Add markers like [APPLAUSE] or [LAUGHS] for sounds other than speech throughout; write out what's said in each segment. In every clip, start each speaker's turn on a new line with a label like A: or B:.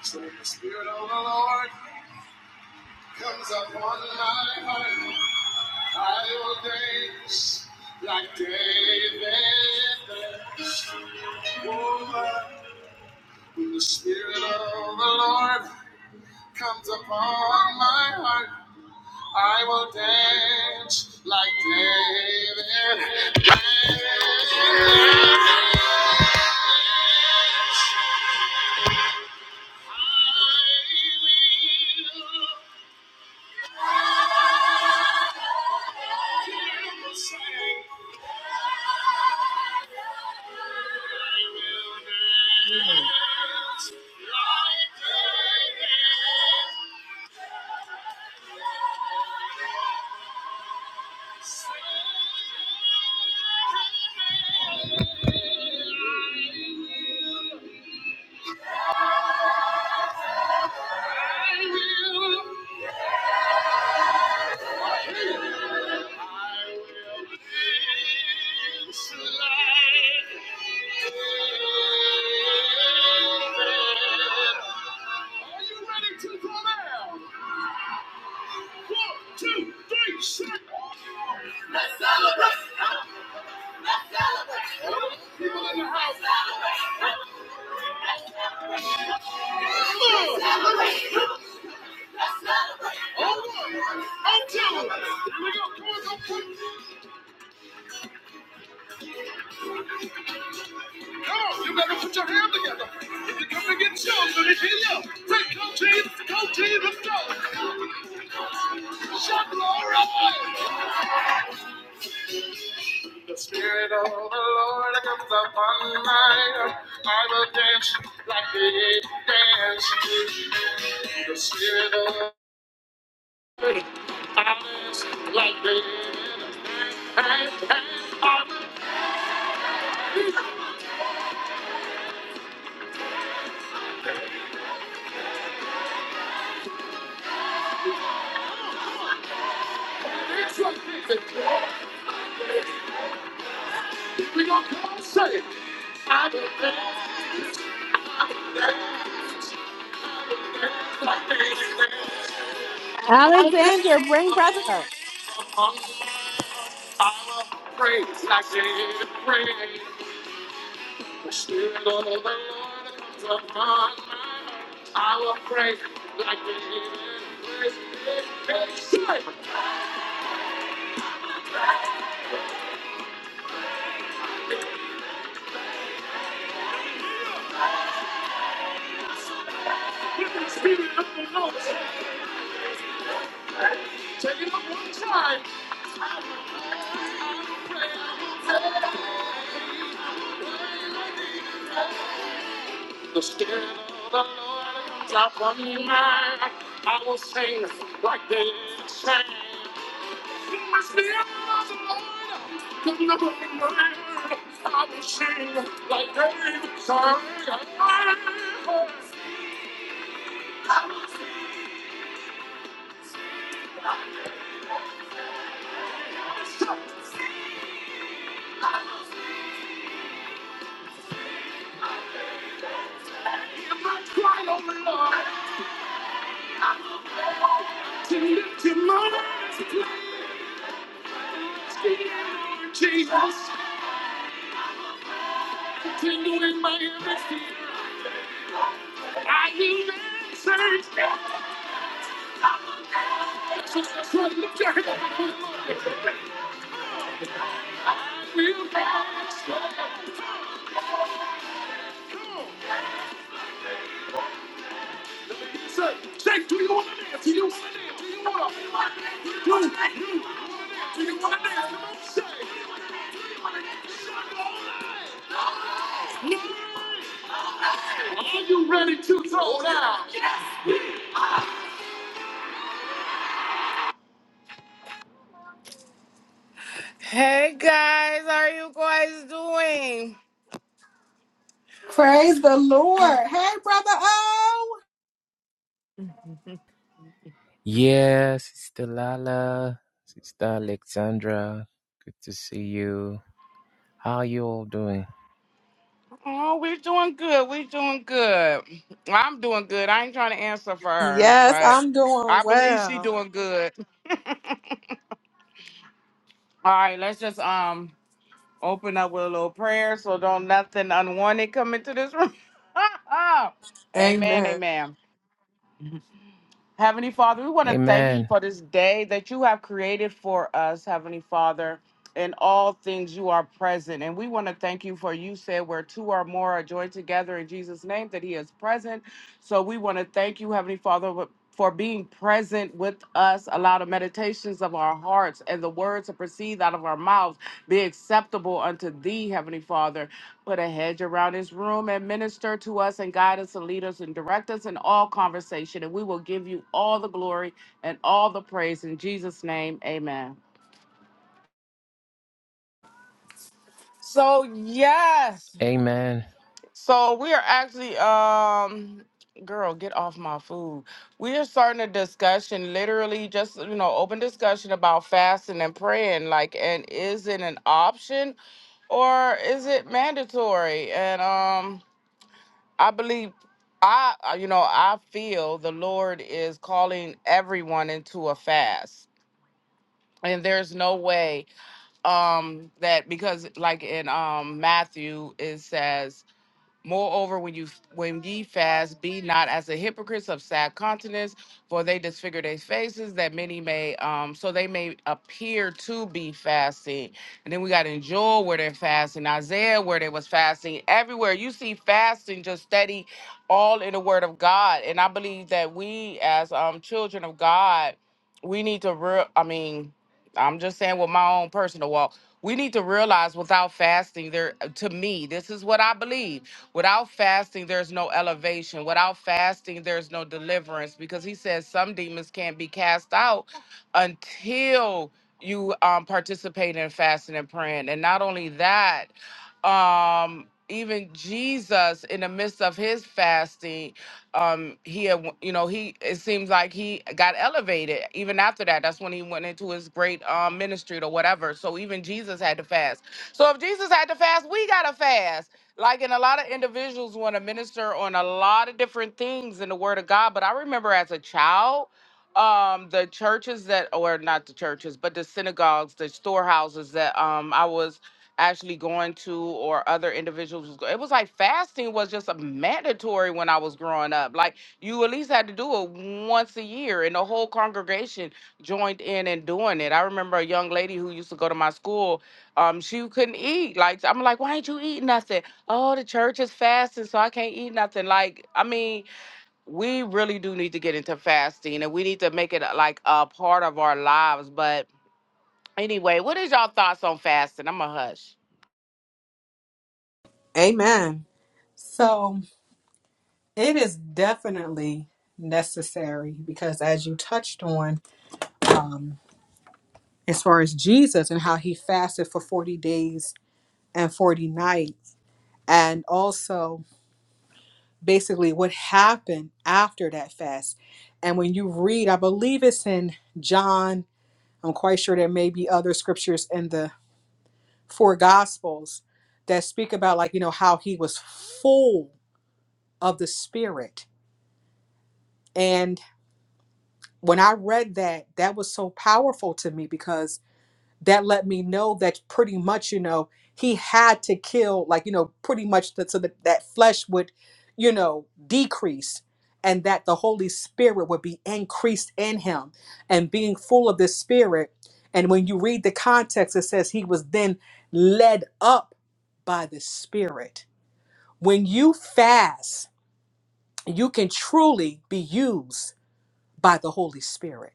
A: So the Spirit of the Lord comes upon my heart. I will dance like David. danced. Oh, when the Spirit of the Lord comes upon my heart, I will dance like David. Dance like David. Two, three, six. Let's celebrate! Let's celebrate! In Let's celebrate! Let's celebrate! Let's celebrate! Oh one! Oh two! Here we go! Come on, go Come on, you better put your hand together. If you come against shows, let me hear you. Say, go team, go us go. Shout glory. right. The Spirit of the Lord comes upon my life. I will dance like they dance. The Spirit of the Lord comes like the dance. I dance like this. We gonna come and say, I will dance like the dance.
B: Alexander, bring brother.
A: I will praise like they praise. I stand on The Spirit of the Lord comes upon me. I will pray like the living is inside. When the Spirit of the Lord take it up one time. The Spirit of the Lord comes upon me. I will sing like the living sing. When the Spirit of the Lord comes upon me. I will sing like the living sang. I will sing. oh Jesus, tingle in my ears. I will not search. That's right, lift your hand up and put it on. I will not search. say, say, do you want to dance? Do you want to dance? Do you want to? dance? Do you do you want to dance? Come on, say. Are you ready to throw down? Hey guys, how are you guys doing?
B: Praise the Lord. Hey, brother O.
C: Yeah, Sister Lala, Sister Alexandra, good to see you. How are you all doing?
A: Oh, we're doing good. We're doing good. I'm doing good. I ain't trying to answer for her,
B: Yes,
A: but
B: I'm doing
A: I believe she
B: well.
A: doing good. All right, let's just um open up with a little prayer so don't nothing unwanted come into this room. [LAUGHS] amen,
B: Amen.
A: amen. Heavenly Father, we want to thank you
C: Amen.
A: for this day that you have created for us, Heavenly Father. in all things you are present. And we want to thank you for you said where two or more are joined together in Jesus' name that he is present. So we want to thank you, Heavenly Father, w- for being present with us. Allow the meditations of our hearts and the words that proceed out of our mouths be acceptable unto thee, Heavenly Father. Put a hedge around his room and minister to us and guide us and lead us and direct us in all conversation. And we will give you all the glory and all the praise in Jesus' name. Amen. So yes.
C: Amen.
A: So we are actually um girl, get off my food. We are starting a discussion, literally just you know, open discussion about fasting and praying, like and is it an option or is it mandatory? And um I believe I I- you know, I feel the Lord is calling everyone into a fast. And there's no way um that because like in um Matthew it says Moreover, when you when ye fast, be not as the hypocrites of sad countenance, for they disfigure their faces, that many may um so they may appear to be fasting. And then we got in Joel where they're fasting, Isaiah where they was fasting. Everywhere you see fasting, just steady, all in the Word of God. And I believe that we as um children of God, we need to real. I mean. I'm just saying with my own personal walk, we need to realize without fasting, there uh, to me, this is what I believe. Without fasting, there's no elevation. Without fasting, there's no deliverance. Because he says some demons can't be cast out until you um participate in fasting and praying. And not only that, um even jesus in the midst of his fasting um he had, you know he it seems like he got elevated even after that that's when he went into his great um ministry or whatever so even jesus had to fast so if jesus had to fast we gotta fast like and a lot of individuals want to minister on a lot of different things in the word of god but i remember as a child um the churches that or not the churches but the synagogues the storehouses that um i was actually going to or other individuals was go- it was like fasting was just a mandatory when i was growing up like you at least had to do it once a year and the whole congregation joined in and doing it i remember a young lady who used to go to my school um she couldn't eat like i'm like why ain't you eat nothing oh the church is fasting so i can't eat nothing like i mean we really do need to get into fasting and we need to make it uh, like a part of our lives but anyway what is y'all thoughts on fasting i'm a hush
B: Amen. So it is definitely necessary because, as you touched on, um, as far as Jesus and how he fasted for 40 days and 40 nights, and also basically what happened after that fast. And when you read, I believe it's in John. I'm quite sure there may be other scriptures in the four gospels that speak about like, you know, how he was full of the spirit. And when I read that, that was so powerful to me because. that let me know that pretty much you know he had to kill like you know pretty much that so that that flesh would you know decrease and that the holy spirit would be increased in him and being full of the spirit and when you read the context it says he was then led up by the spirit when you fast you can truly be used by the holy spirit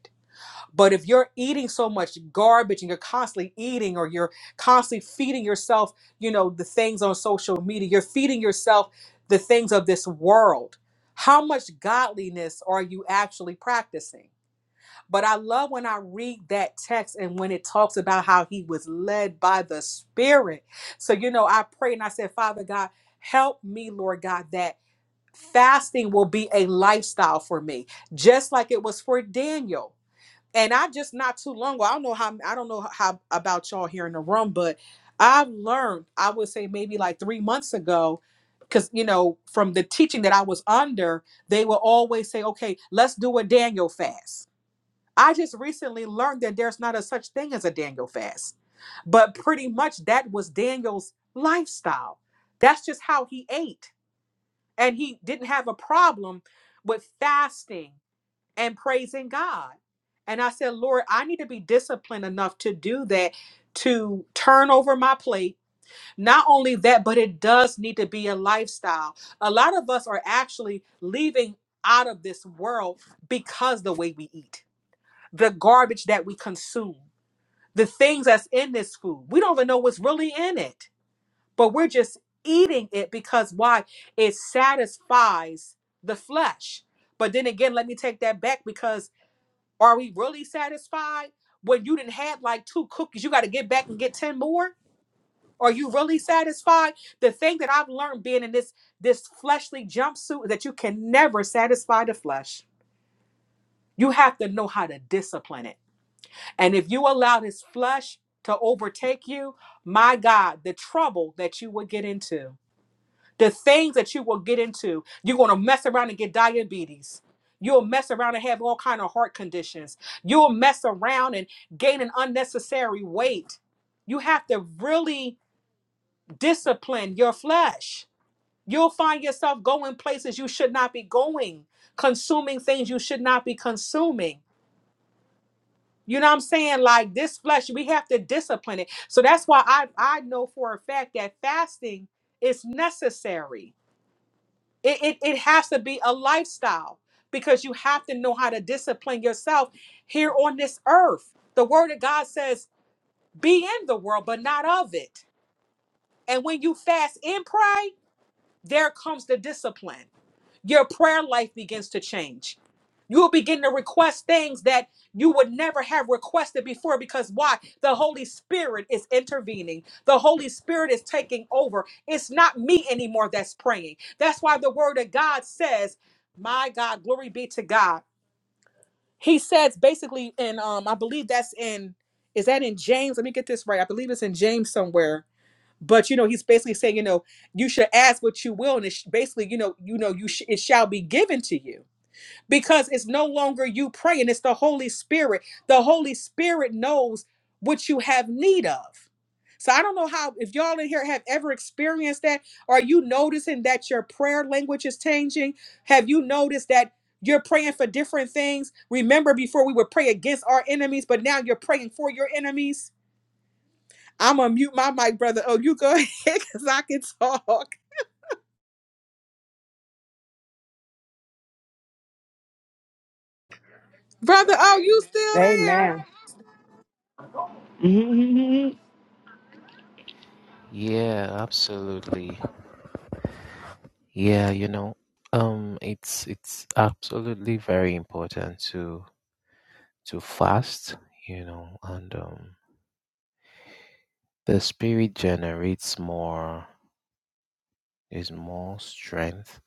B: but if you're eating so much garbage and you're constantly eating or you're constantly feeding yourself, you know, the things on social media, you're feeding yourself the things of this world. How much godliness are you actually practicing? But I love when I read that text and when it talks about how he was led by the Spirit. So, you know, I pray and I said, Father God, help me, Lord God, that fasting will be a lifestyle for me, just like it was for Daniel and I just not too long ago, I don't know how I don't know how about y'all here in the room, but I've learned, I would say maybe like three months ago, because you know, from the teaching that I was under, they will always say, Okay, let's do a Daniel fast. I just recently learned that there's not a such thing as a Daniel fast. But pretty much that was Daniel's lifestyle. That's just how he ate. And he didn't have a problem with fasting and praising God. And I said, Lord, I need to be disciplined enough to do that, to turn over my plate. Not only that, but it does need to be a lifestyle. A lot of us are actually leaving out of this world because the way we eat, the garbage that we consume, the things that's in this food. We don't even know what's really in it, but we're just eating it because why? It satisfies the flesh. But then again, let me take that back because are we really satisfied when you didn't have like two cookies? You got to get back and get 10 more? Are you really satisfied? The thing that I've learned being in this this fleshly jumpsuit is that you can never satisfy the flesh. You have to know how to discipline it. And if you allow this flesh to overtake you, my God, the trouble that you would get into the things that you will get into you're going to mess around and get diabetes you'll mess around and have all kind of heart conditions you'll mess around and gain an unnecessary weight you have to really discipline your flesh you'll find yourself going places you should not be going consuming things you should not be consuming you know what i'm saying like this flesh we have to discipline it so that's why i i know for a fact that fasting is necessary It, it, it has to be a lifestyle because you have to know how to discipline yourself here on this earth. The word of God says, be in the world, but not of it. And when you fast and pray, there comes the discipline. Your prayer life begins to change. You will begin to request things that you would never have requested before because why? The Holy Spirit is intervening. The Holy Spirit is taking over. It's not me anymore that's praying. That's why the word of God says, my God, glory be to God. He says basically in um I believe that's in is that in James? Let me get this right. I believe it's in James somewhere but you know he's basically saying you know you should ask what you will and it's basically you know you know you sh- it shall be given to you because it's no longer you praying it's the holy spirit the holy spirit knows what you have need of so i don't know how if y'all in here have ever experienced that are you noticing that your prayer language is changing have you noticed that you're praying for different things remember before we would pray against our enemies but now you're praying for your enemies I'm gonna mute my mic, brother. Oh, you go ahead [LAUGHS] because I can talk, brother. Oh, you still there?
C: Yeah, absolutely. Yeah, you know, um it's it's absolutely very important to to fast, you know, and um the spirit generates more is more strength,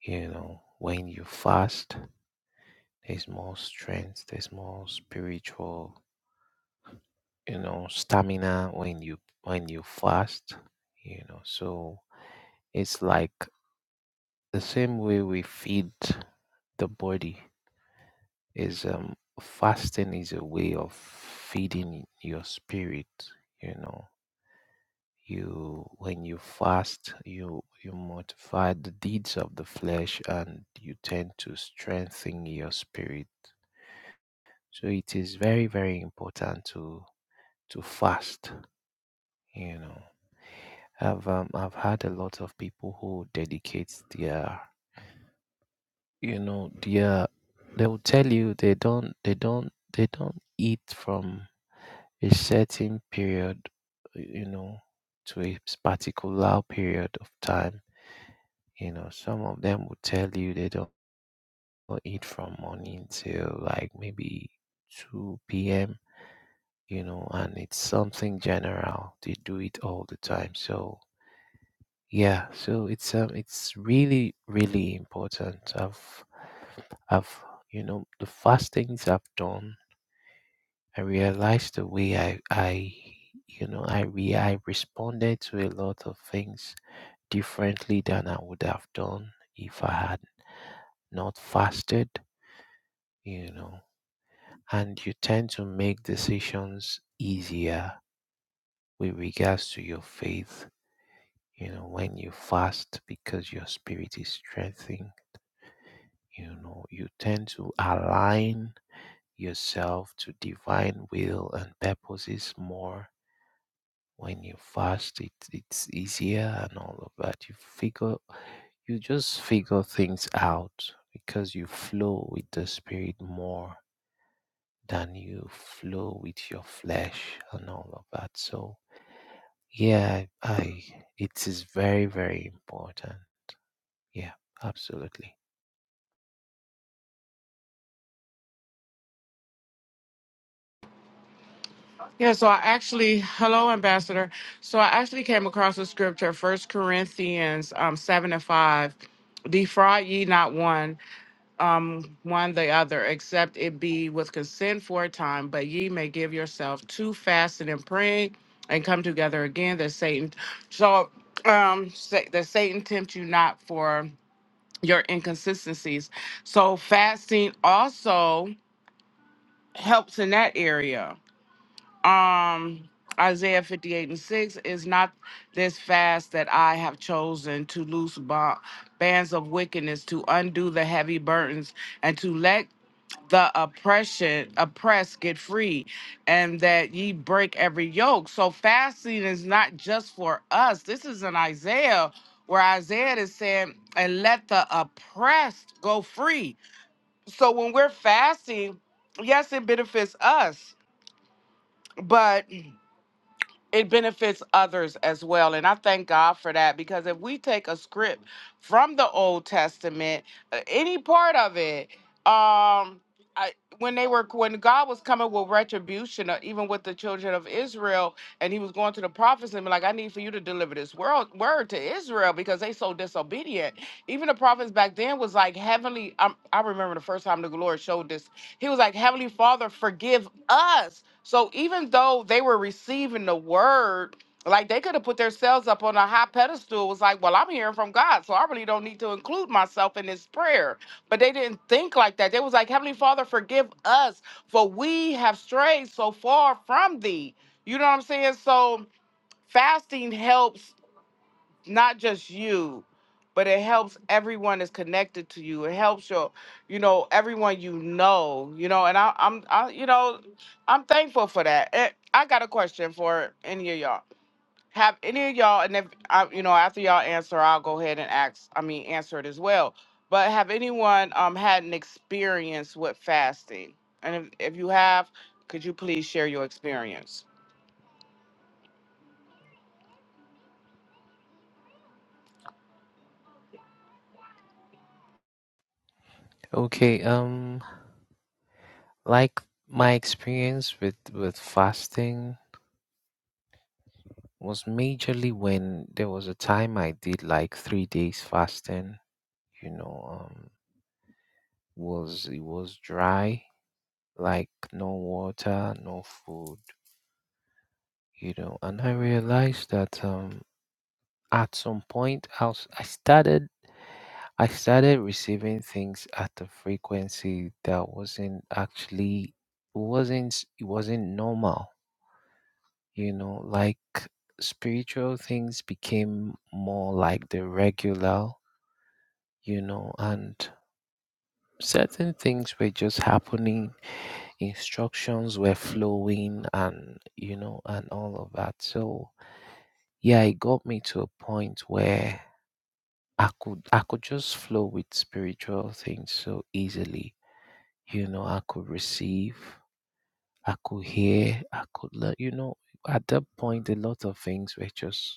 C: you know, when you fast. There's more strength. There's more spiritual, you know, stamina when you when you fast. You know, so it's like the same way we feed the body is um fasting is a way of feeding your spirit. You know, you when you fast, you you mortify the deeds of the flesh, and you tend to strengthen your spirit. So it is very, very important to to fast. You know, I've um, I've had a lot of people who dedicate their you know their they will tell you they don't they don't they don't eat from a certain period you know to a particular period of time. You know, some of them will tell you they don't eat from morning till like maybe two p.m. You know, and it's something general. They do it all the time. So Yeah, so it's um, it's really really important. I've I've you know the first things I've done, I realized the way I I you know I re I responded to a lot of things differently than I would have done if I had not fasted. You know, and you tend to make decisions easier with regards to your faith. You know, when you fast because your spirit is strengthened You know, you tend to align yourself to divine will and purposes more when you fast. It, it's easier and all of that. You figure, you just figure things out because you flow with the spirit more than you flow with your flesh and all of that. So, yeah, I it is very, very important. Yeah, absolutely.
A: Yeah, so I actually, hello, Ambassador. So I actually came across a scripture, First Corinthians um, 7 and 5. Defraud ye not one, um, one the other, except it be with consent for a time, but ye may give yourself to fasting and praying and come together again that Satan, so um, sa- that Satan tempt you not for your inconsistencies. So fasting also helps in that area um Isaiah 58 and 6 is not this fast that I have chosen to loose ba- bands of wickedness, to undo the heavy burdens, and to let the oppression oppressed get free, and that ye break every yoke. So fasting is not just for us. This is in Isaiah where Isaiah is saying, and let the oppressed go free. So when we're fasting, yes, it benefits us, but it benefits others as well. And I thank God for that because if we take a script from the Old Testament, uh, any part of it, um, I, when they were when God was coming with retribution, or even with the children of Israel, and He was going to the prophets and be like, "I need for you to deliver this world word to Israel because they so disobedient." even the prophets back then was like heavenly i i remember the first time the lord showed this he was like heavenly father forgive us so even though they were receiving the word like they could have put themselves up on a high pedestal It was like well i'm hearing from god so i really don't need to include myself in this prayer but they didn't think like that they was like heavenly father forgive us for we have strayed so far from thee you know what i'm saying so fasting helps not just you, but it helps everyone that's connected to you. It helps your, you know, everyone you know, you know, and I, I'm, I, you know, I'm thankful for that. Eh, I got a question for any of y'all. Have any of y'all, and if I, you know, after y'all answer, I'll go ahead and ask. I mean, answer it as well. But have anyone um had an experience with fasting? And if, if you have, could you please share your experience?
C: Okay, um Like my experience with with fasting was majorly when there was a time I did like three days fasting. You know, um, was it was dry, like no water, no food. You know, and I realized that um, at some point I was, I started I started receiving things at a frequency that wasn't actually wasn't it wasn't normal you know, like spiritual things became more like the regular, you know, and certain things were just happening, instructions were flowing, and you know, and all of that. So, yeah, it got me to a point where I could I could just flow with spiritual things so easily. You know, I could receive, I could hear, I could learn, you know, at that point a lot of things were just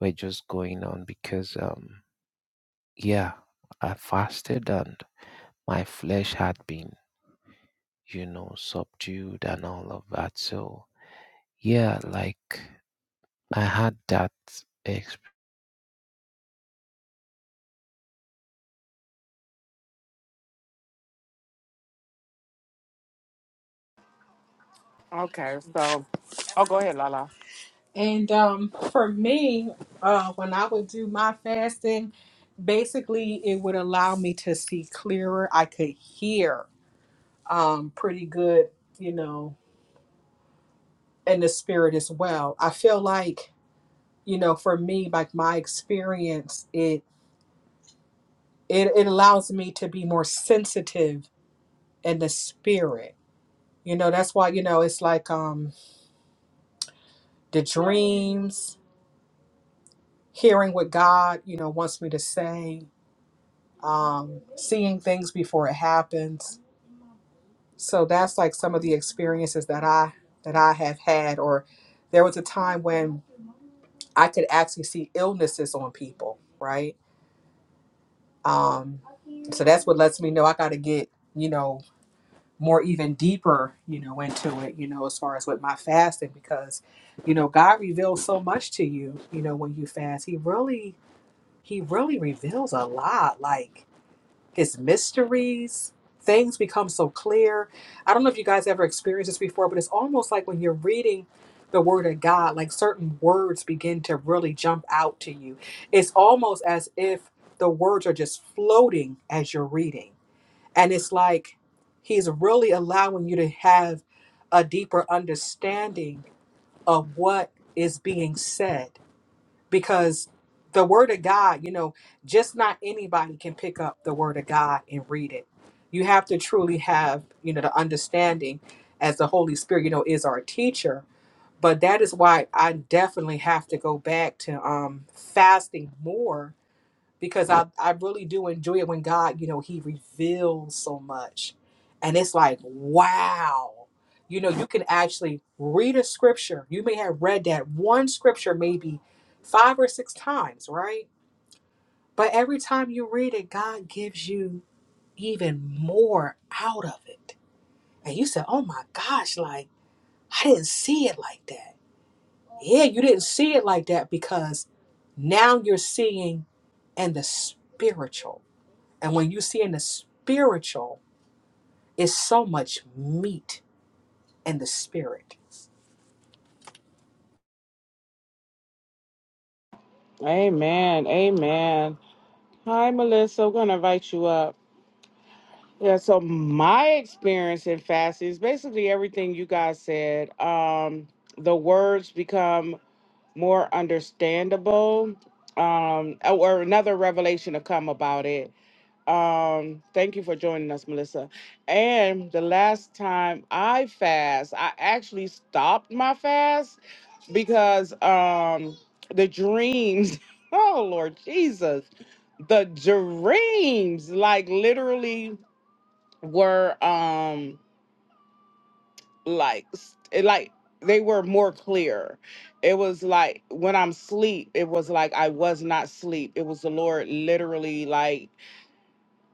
C: were just going on because, um, yeah, I fasted and my flesh had been, you know, subdued and all of that. So, yeah, like I had that experience.
A: Okay, so, oh, go ahead, Lala.
B: And um, for me, uh, when I would do my fasting, basically it would allow me to see clearer. I could hear um pretty good, you know, in the spirit as well. I feel like you know, for me, like my experience, it it, it allows me to be more sensitive in the spirit. You know, that's why you know it's like um the dreams, hearing what God, you know, wants me to say, um, seeing things before it happens. So that's like some of the experiences that I that I have had. Or there was a time when I could actually see illnesses on people, right? Um, so that's what lets me know I got to get, you know, more even deeper, you know, into it, you know, as far as with my fasting because, you know, God reveals so much to you, you know, when you fast. He really he really reveals a lot like his mysteries things become so clear i don't know if you guys ever experienced this before but it's almost like when you're reading the word of god like certain words begin to really jump out to you it's almost as if the words are just floating as you're reading and it's like he's really allowing you to have a deeper understanding of what is being said because the word of God, you know, just not anybody can pick up the word of God and read it. You have to truly have, you know, the understanding as the Holy Spirit, you know, is our teacher. But that is why I definitely have to go back to um fasting more because I, I really do enjoy it when God, you know, He reveals so much. And it's like, wow. You know, you can actually read a scripture. You may have read that one scripture maybe five or six times, right? But every time you read it, God gives you even more out of it. And you say oh my gosh, like, I didn't see it like that. Yeah, you didn't see it like that because now you're seeing in the spiritual and when you see in the spiritual, it's so much meat in the spirit.
A: Amen. Amen. Hi, Melissa. I'm going to invite you up. Yeah, so my experience in fasting is basically everything you guys said. Um, the words become more understandable, um, or another revelation to come about it. Um, thank you for joining us, Melissa. And the last time I fast, I actually stopped my fast because um the dreams, [LAUGHS] oh Lord Jesus, the dreams like literally were um like s- like they were more clear. It was like when I'm sleep, it was like I was not sleep. It was the Lord literally like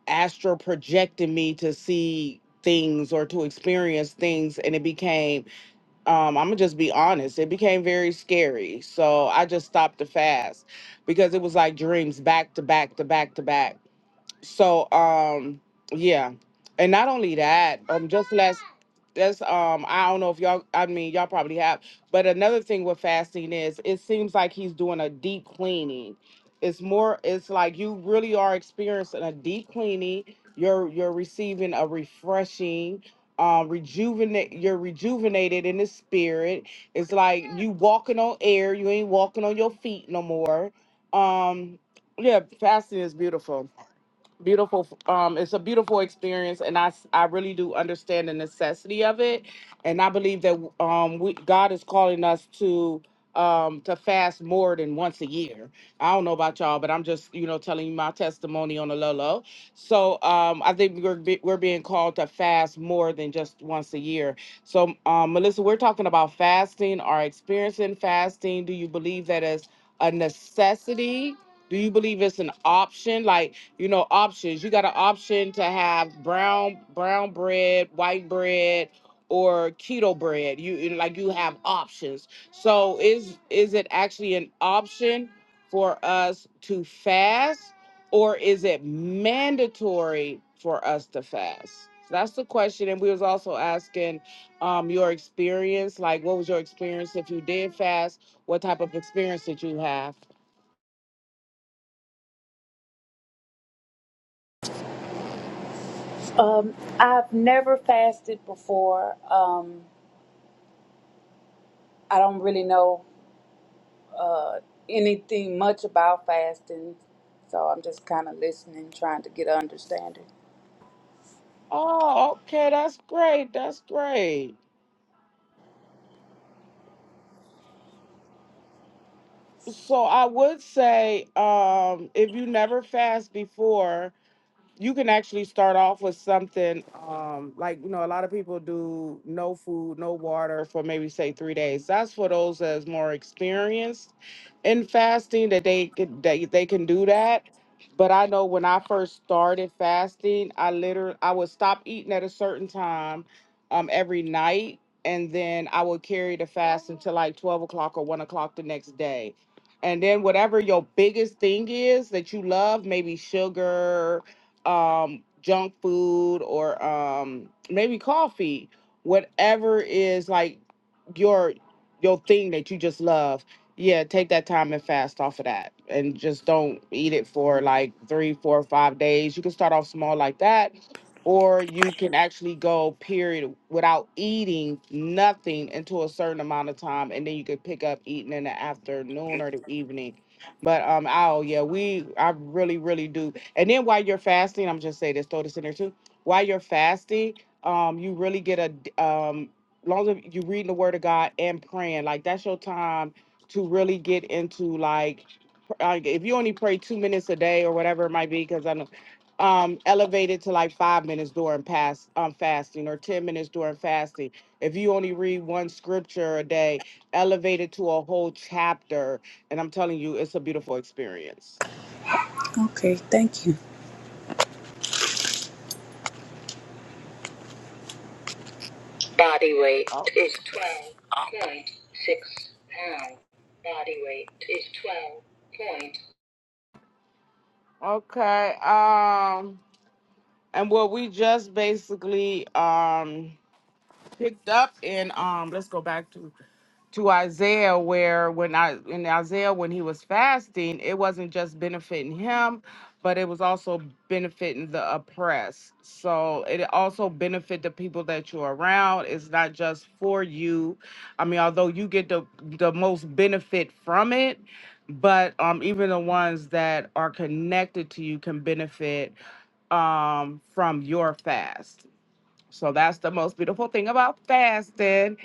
A: astral projected me to see things or to experience things and it became um i'm gonna just be honest it became very scary so i just stopped the fast because it was like dreams back to back to back to back so um yeah. And not only that, um just last that's um I don't know if y'all I mean y'all probably have, but another thing with fasting is it seems like he's doing a deep cleaning. It's more it's like you really are experiencing a deep cleaning. You're you're receiving a refreshing um rejuvenate you're rejuvenated in the spirit. It's like you walking on air, you ain't walking on your feet no more. Um yeah, fasting is beautiful beautiful um it's a beautiful experience and i s- i really do understand the necessity of it and i believe that um we god is calling us to um to fast more than once a year i don't know about y'all but i'm just you know telling you my testimony on the low low so um i think we're be- we're being called to fast more than just once a year so um melissa we're talking about fasting our experience in fasting do you believe that is a necessity do you believe it's an option like you know options you got an option to have brown brown bread white bread or keto bread you like you have options so is is it actually an option for us to fast or is it mandatory for us to fast So that's the question and we was also asking um your experience like what was your experience if you did fast what type of experience did you have
D: Um, I've never fasted before. Um, I don't really know anything much about fasting, so I'm just kind of listening, trying to get an understanding.
A: oh okay that's great that's great So I would say, um, if you never fast before, you can actually start off with something um like you know a lot of people do no food no water for maybe say three days that's for those that's more experienced in fasting that they could they, they can do that but i know when i first started fasting i literally i would stop eating at a certain time um every night and then i would carry the fast until like 12 o'clock or 1 o'clock the next day and then whatever your biggest thing is that you love maybe sugar um, junk food or um, maybe coffee, whatever is like your your thing that you just love. Yeah, take that time and fast off of that, and just don't eat it for like three, four, five days. You can start off small like that, or you can actually go period without eating nothing until a certain amount of time, and then you could pick up eating in the afternoon or the evening but um, oh yeah, we I really really do. And then while you're fasting, I'm just saying this, throw this in there too. While you're fasting, um, you really get a d- um, long as you reading the Word of God and praying, like that's your time to really get into like, pr- like if you only pray two minutes a day or whatever it might be, because I know um elevated to like five minutes during past um fasting or ten minutes during fasting. If you only read one scripture a day, elevated to a whole chapter and I'm telling you, it's a beautiful experience.
D: Okay, thank you. Body weight
A: Oh,
D: is 12.6 pounds. Body weight is 12 point.
A: okay. Um, and what we just basically um picked up in um let's go back to to Isaiah where when I in Isaiah when he was fasting, it wasn't just benefiting him, but it was also benefiting the oppressed. So it also benefit the people that you're around. It's not just for you. I mean, although you get the the most benefit from it, but um even the ones that are connected to you can benefit um from your fast. So that's the most beautiful thing about fasting.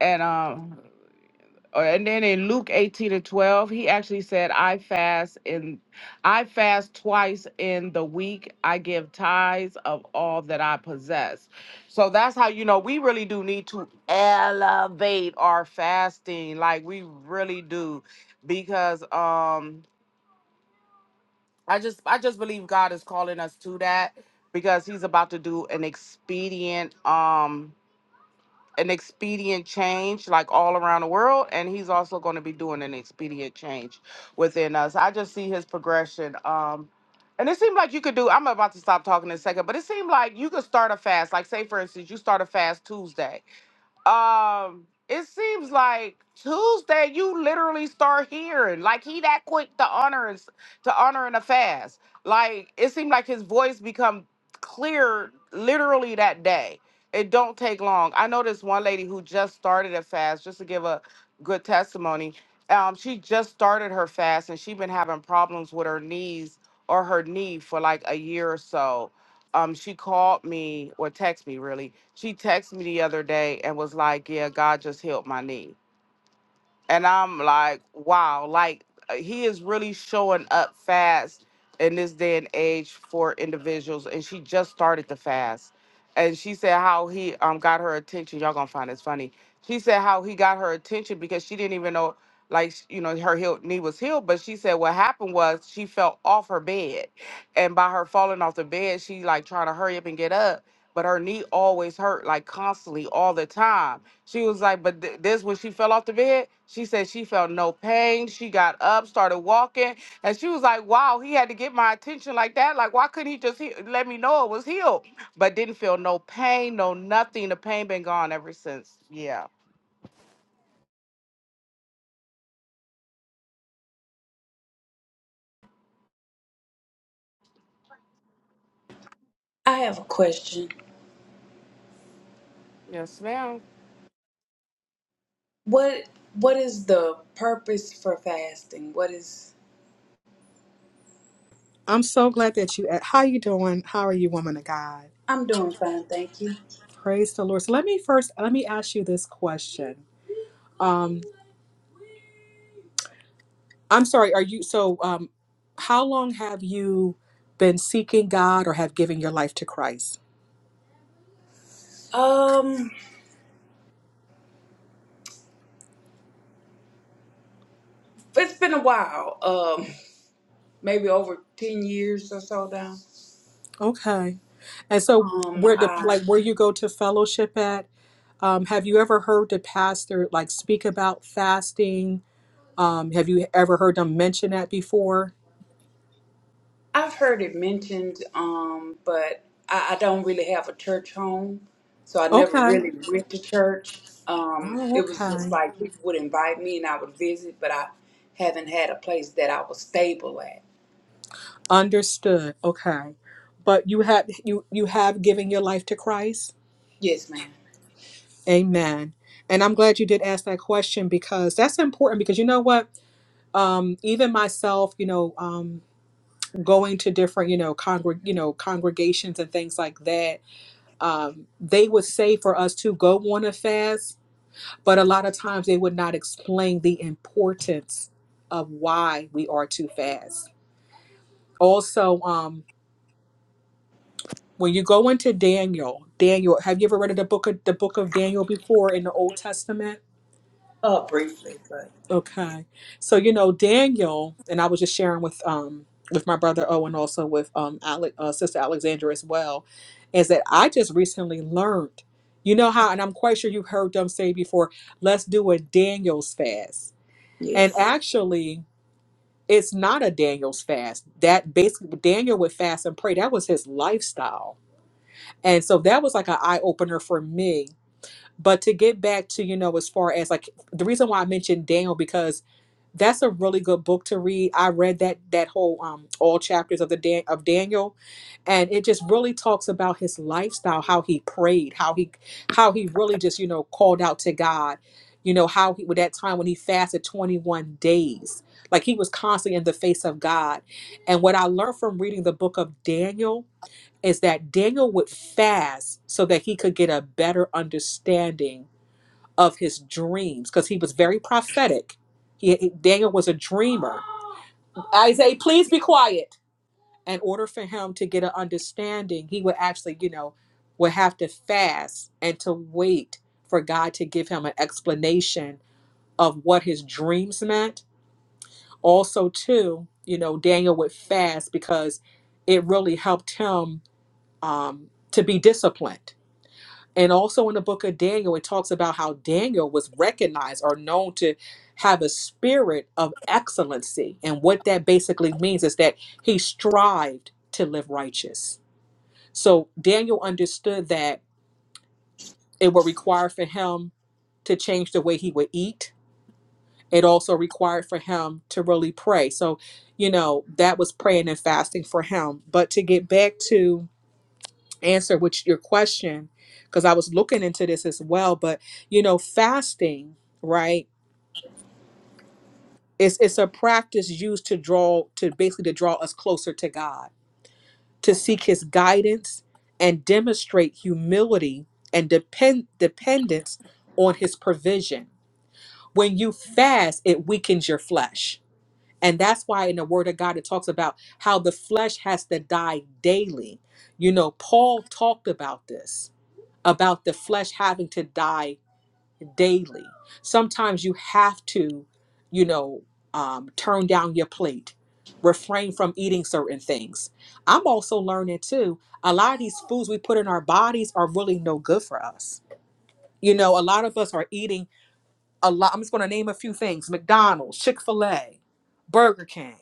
A: And um or- and then in Luke 18 and 12, he actually said, I fast in I fast twice in the week. I give tithes of all that I possess. So that's how you know we really do need to elevate our fasting. Like we really do. Because um I just I just believe God is calling us to that because he's about to do an expedient um an expedient change like all around the world and he's also going to be doing an expedient change within us i just see his progression um and it seemed like you could do i'm about to stop talking in a second but it seemed like you could start a fast like say for instance you start a fast tuesday um it seems like tuesday you literally start hearing like he that quick to honor and to honor and a fast like it seemed like his voice become clear literally that day it don't take long i know this one lady who just started a fast just to give a good testimony um she just started her fast and she been having problems with her knees or her knee for like a year or so um she called me or texted me really she texted me the other day and was like yeah god just healed my knee and I'm like, wow, like uh, he is really showing up fast in this day and age for individuals. And she just started the fast, and she said how he um got her attention. Y'all gonna find this funny. She said how he got her attention because she didn't even know, like sh- you know, her heel, knee was healed. But she said what happened was she fell off her bed, and by her falling off the bed, she like trying to hurry up and get up. But her knee always hurt, like constantly all the time. She was like, but th- this when she fell off the bed, she said she felt no pain. She got up, started walking, and she was like, wow, he had to get my attention like that. Like, why couldn't he just he- let me know it was healed? But didn't feel no pain, no nothing. The pain been gone ever since. Yeah.
D: I have a question.
A: Yes, ma'am.
D: What What is the purpose for fasting? What is
B: I'm so glad that you. How you doing? How are you, woman of God?
D: I'm doing fine, thank you.
B: Praise the Lord. So let me first let me ask you this question. Um, I'm sorry. Are you so? Um, how long have you been seeking God or have given your life to Christ?
D: Um, it's been a while. Um. [LAUGHS] maybe over 10 years or so now.
B: Okay. And so
D: Um,
B: where the
D: I,
B: like where you go to fellowship at? Um, have you ever heard the pastor like speak about fasting Um, have you ever heard them mention that before?
D: I've heard it mentioned, um, but I, I don't really have a church home, so I never
B: Okay.
D: really went to church. Um,
B: Oh,
D: it was just
B: okay.
D: like people would invite me and I would visit, but I haven't had a place that I was stable at.
B: Understood. Okay. But you have you you have given your life to Christ.
D: Yes, ma'am.
B: Amen. And I'm glad you did ask that question because that's important because you know what? Um, even myself, you know, um, going to different, you know, congreg, you know, congregations and things like that, um, they would say for us to go on a fast But a lot of times they would not explain the importance of why we are to fast. Also, um, when you go into Daniel, Daniel, have you ever read of the book of the book of Daniel before in the Old Testament?
D: Uh, briefly, but
B: Okay, so you know Daniel, and I was just sharing with um with my brother Owen, also with um Ale- uh, sister Alexandra as well, is that I just recently learned, you know how, and I'm quite sure you've heard them say before, let's do a Daniel's fast, and
D: yes,
B: actually It's not a Daniel's fast. That basically Daniel would fast and pray. That was his lifestyle. And so that was like an eye opener for me. But to get back to, you know, as far as like the reason why I mentioned Daniel because that's a really good book to read. I read that that whole um all chapters of the Dan- of Daniel and it just really talks about his lifestyle, how he prayed, how he how he really just, you know, called out to God. You know, how he with that time when he fasted 21 days. Like he was constantly in the face of God. And what I learned from reading the book of Daniel is that Daniel would fast so that he could get a better understanding of his dreams because he was very prophetic. He, he- Daniel was a dreamer. Isaiah, please be quiet. In order for him to get an understanding, he would actually, you know, would have to fast and to wait for God to give him an explanation of what his dreams meant. Also, too, you know, Daniel would fast because it really helped him um, to be disciplined And also in the book of Daniel, it talks about how Daniel was recognized or known to have a spirit of excellency. And what that basically means is that he strived to live righteous. So Daniel understood that it would require for him to change the way he would eat. It also required for him to really pray. So, you know, that was praying and fasting for him. But to get back to answer which your question because I was looking into this as well but you know fasting right it's it's a practice used to draw to basically to draw us closer to God to seek his guidance and demonstrate humility and depend dependence on his provision when you fast it weakens your flesh and that's why in the word of God it talks about how the flesh has to die daily you know Paul talked about this about the flesh having to die daily. Sometimes you have to, you know, um, turn down your plate, refrain from eating certain things. I'm also learning too, a lot of these foods we put in our bodies are really no good for us. You know, a lot of us are eating a lot. I'm just going to name a few things: McDonald's, Chick Fil A, Burger King,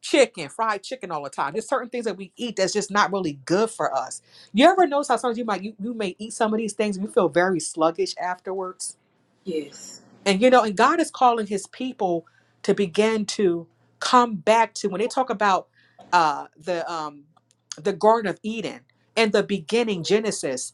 B: chicken, fried chicken all the time. There's certain things that we eat that's just not really good for us. You ever notice how sometimes you might you, you may eat some of these things and you feel very sluggish afterwards,
D: yes.
B: and you know, and God is calling His people to begin to come back to when they talk about uh, the um, the Garden of Eden and the beginning Genesis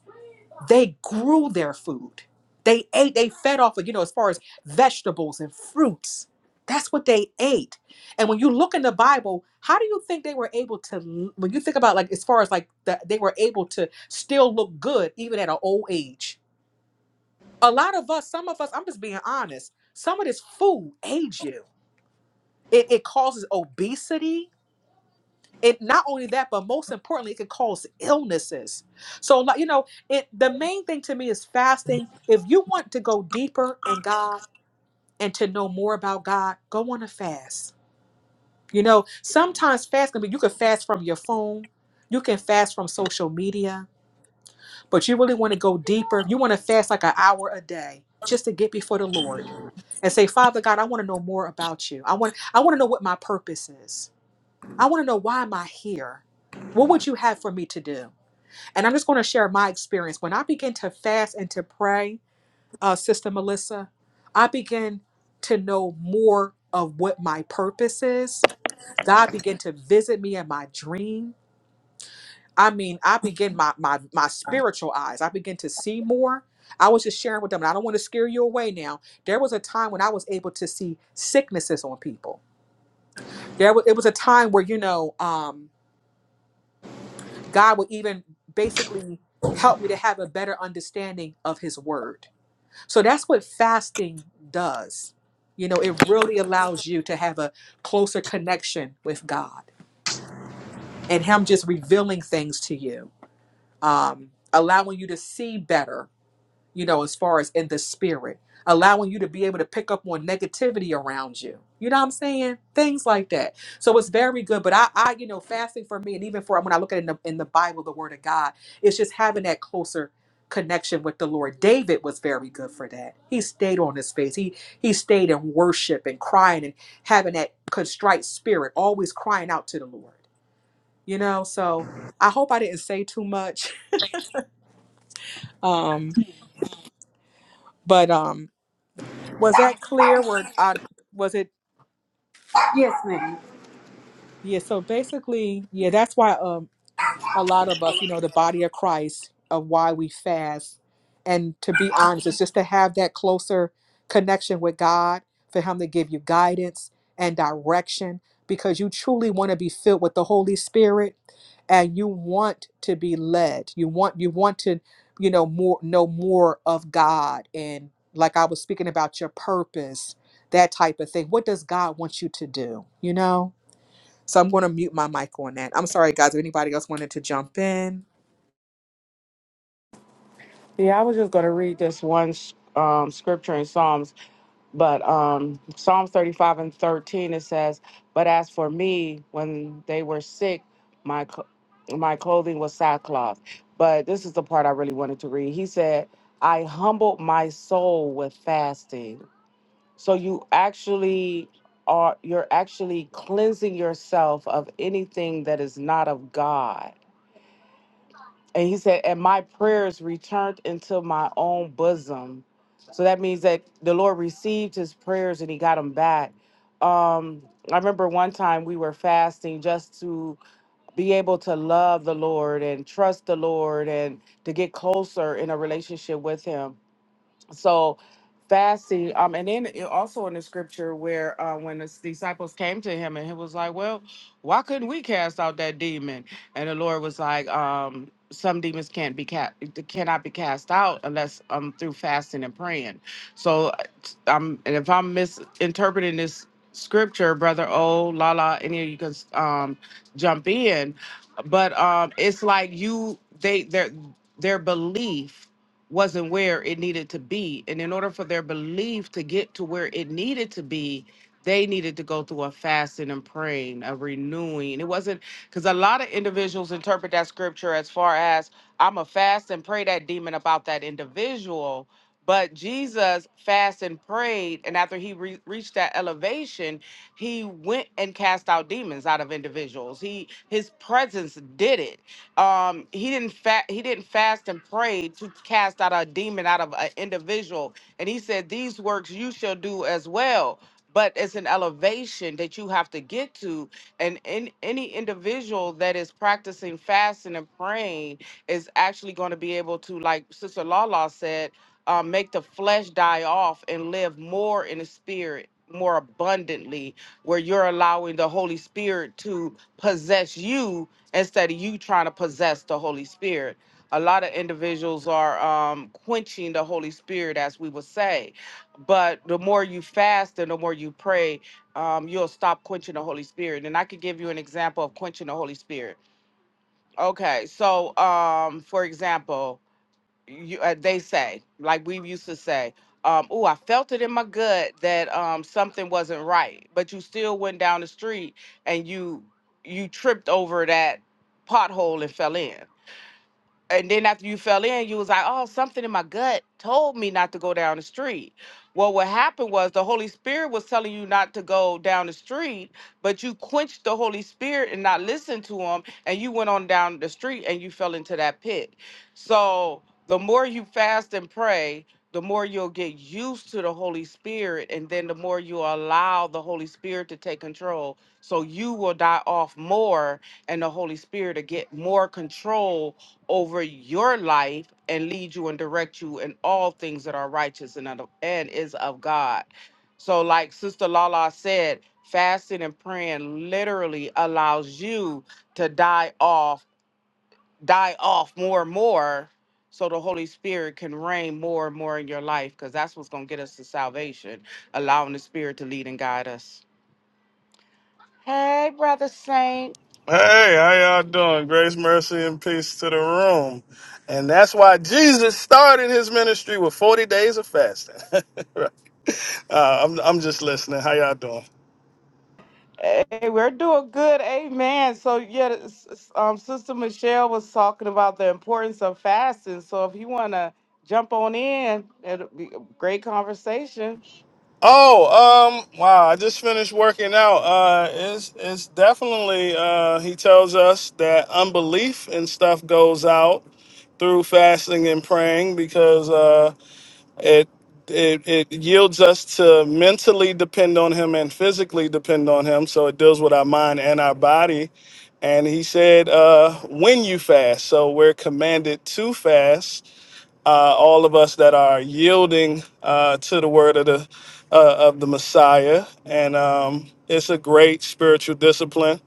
B: they grew their food. They ate, they fed off of, you know, as far as vegetables and fruits. That's what they ate. And when you look in the Bible, how do you think they were able to, when you think about like, as far as like that, they were able to still look good even at an old age? A lot of us, some of us, I'm just being honest, some of this food aids you. It, it causes obesity it not only that but most importantly it can cause illnesses so like you know it the main thing to me is fasting if you want to go deeper in god and to know more about god go on a fast you know sometimes fast can be you can fast from your phone you can fast from social media but you really want to go deeper you want to fast like an hour a day just to get before the lord and say father god i want to know more about you i want i want to know what my purpose is I want to know why am I here? What would you have for me to do? And I'm just going to share my experience. When I begin to fast and to pray, uh, Sister Melissa, I begin to know more of what my purpose is. God began to visit me in my dream. I mean, I begin my my my spiritual eyes. I begin to see more. I was just sharing with them, and I don't want to scare you away now. There was a time when I was able to see sicknesses on people. There was it was a time where, you know, um, God would even basically help me to have a better understanding of his word. So that's what fasting does. You know, it really allows you to have a closer connection with God and him just revealing things to you, um, allowing you to see better you know, as far as in the spirit, allowing you to be able to pick up on negativity around you. You know what I'm saying? Things like that. So it's very good. But I, I, you know, fasting for me, and even for when I look at it in the, in the Bible, the Word of God, it's just having that closer connection with the Lord. David was very good for that. He stayed on his face. He he stayed in worship and crying and having that contrite spirit, always crying out to the Lord. You know, so I hope I didn't say too much. [LAUGHS] Um, but um was that clear? Where I was it? Yeah. So basically, yeah. That's why. Um, a lot of us, you know, the body of Christ of why we fast. And to be honest, it's just to have that closer connection with God, for Him to give you guidance and direction, because you truly want to be filled with the Holy Spirit and you want to be led. You want you want to, you know, more know more of God and like I was speaking about your purpose, that type of thing. What does God want you to do? You know? So I'm going to mute my mic on that. I'm sorry, guys. If anybody else wanted to jump in,
A: Yeah, I was just gonna read this one s- um, scripture in Psalms But um, Psalms 35 and 13, it says, But as for me, when they were sick, my, cl- my clothing was sackcloth. But this is the part I really wanted to read. He said, I humbled my soul with fasting. So you actually are, you're actually cleansing yourself of anything that is not of God and he said, and my prayers returned into my own bosom. So that means that the Lord received his prayers and he got them back. Um, I remember one time we were fasting just to be able to love the Lord and trust the Lord and to get closer in a relationship with him so fasting um and then it also in the scripture where uh when the disciples came to him and he was like well why couldn't we cast out that demon and the lord was like um some demons can't be cast cannot be cast out unless um through fasting and praying so uh, um and if i'm misinterpreting this scripture brother oh lala any of you can um jump in but um it's like you they their their belief wasn't where it needed to be. And in order for their belief to get to where it needed to be, they needed to go through a fasting and praying, a renewing. It wasn't because a lot of individuals interpret that scripture as far as I'm a fast and pray that demon about that individual. But Jesus fast and prayed, and after he re- reached that elevation, he went and cast out demons out of individuals. He his presence did it um he didn't fast he didn't fast and pray to cast out a demon out of an individual and he said these works you shall do as well but it's an elevation that you have to get to and in, any individual that is practicing fasting and praying is actually going to be able to like sister lala said uh, make the flesh die off and live more in the spirit more abundantly where you're allowing the holy spirit to possess you instead of you trying to possess the Holy Spirit. A lot of individuals are um, quenching the Holy Spirit, as we would say. But the more you fast and the more you pray, um, you'll stop quenching the Holy Spirit. And I could give you an example of quenching the Holy Spirit. Okay, so um, for example, you, uh, they say, like we used to say, um, "Oh, I felt it in my gut that um, something wasn't right," but you still went down the street and you you tripped over that pothole and fell in. And then after you fell in, you was like, "Oh, something in my gut told me not to go down the street." Well, what happened was the Holy Spirit was telling you not to go down the street, but you quenched the Holy Spirit and not listened to him, and you went on down the street and you fell into that pit so the more you fast and pray, the more you'll get used to the Holy Spirit, and then the more you allow the Holy Spirit to take control. So you will die off more, and the Holy Spirit will get more control over your life and lead you and direct you in all things that are righteous and, of- and is of God. So, like Sister Lala said, fasting and praying literally allows you to die off die off more and more so the Holy Spirit can reign more and more in your life because that's what's going to get us to salvation, allowing the Spirit to lead and guide us. Hey, Brother Saint.
E: Hey, how y'all doing? Grace, mercy, and peace to the room. And that's why Jesus started his ministry with 40 days of fasting. [LAUGHS] uh, I'm, I'm just listening. How y'all doing?
A: Hey, we're doing good. Amen. So, yeah, s- s- um, Sister Michelle was talking about the importance of fasting. So, if you want to jump on in, it'll be a great conversation.
E: Oh, um, wow, I just finished working out. Uh, it's, it's definitely, uh, he tells us that unbelief and stuff goes out through fasting and praying because, uh, it it it yields us to mentally depend on him and physically depend on him so it deals with our mind and our body and he said uh when you fast so we're commanded to fast uh all of us that are yielding uh to the word of the uh, of the messiah and um it's a great spiritual discipline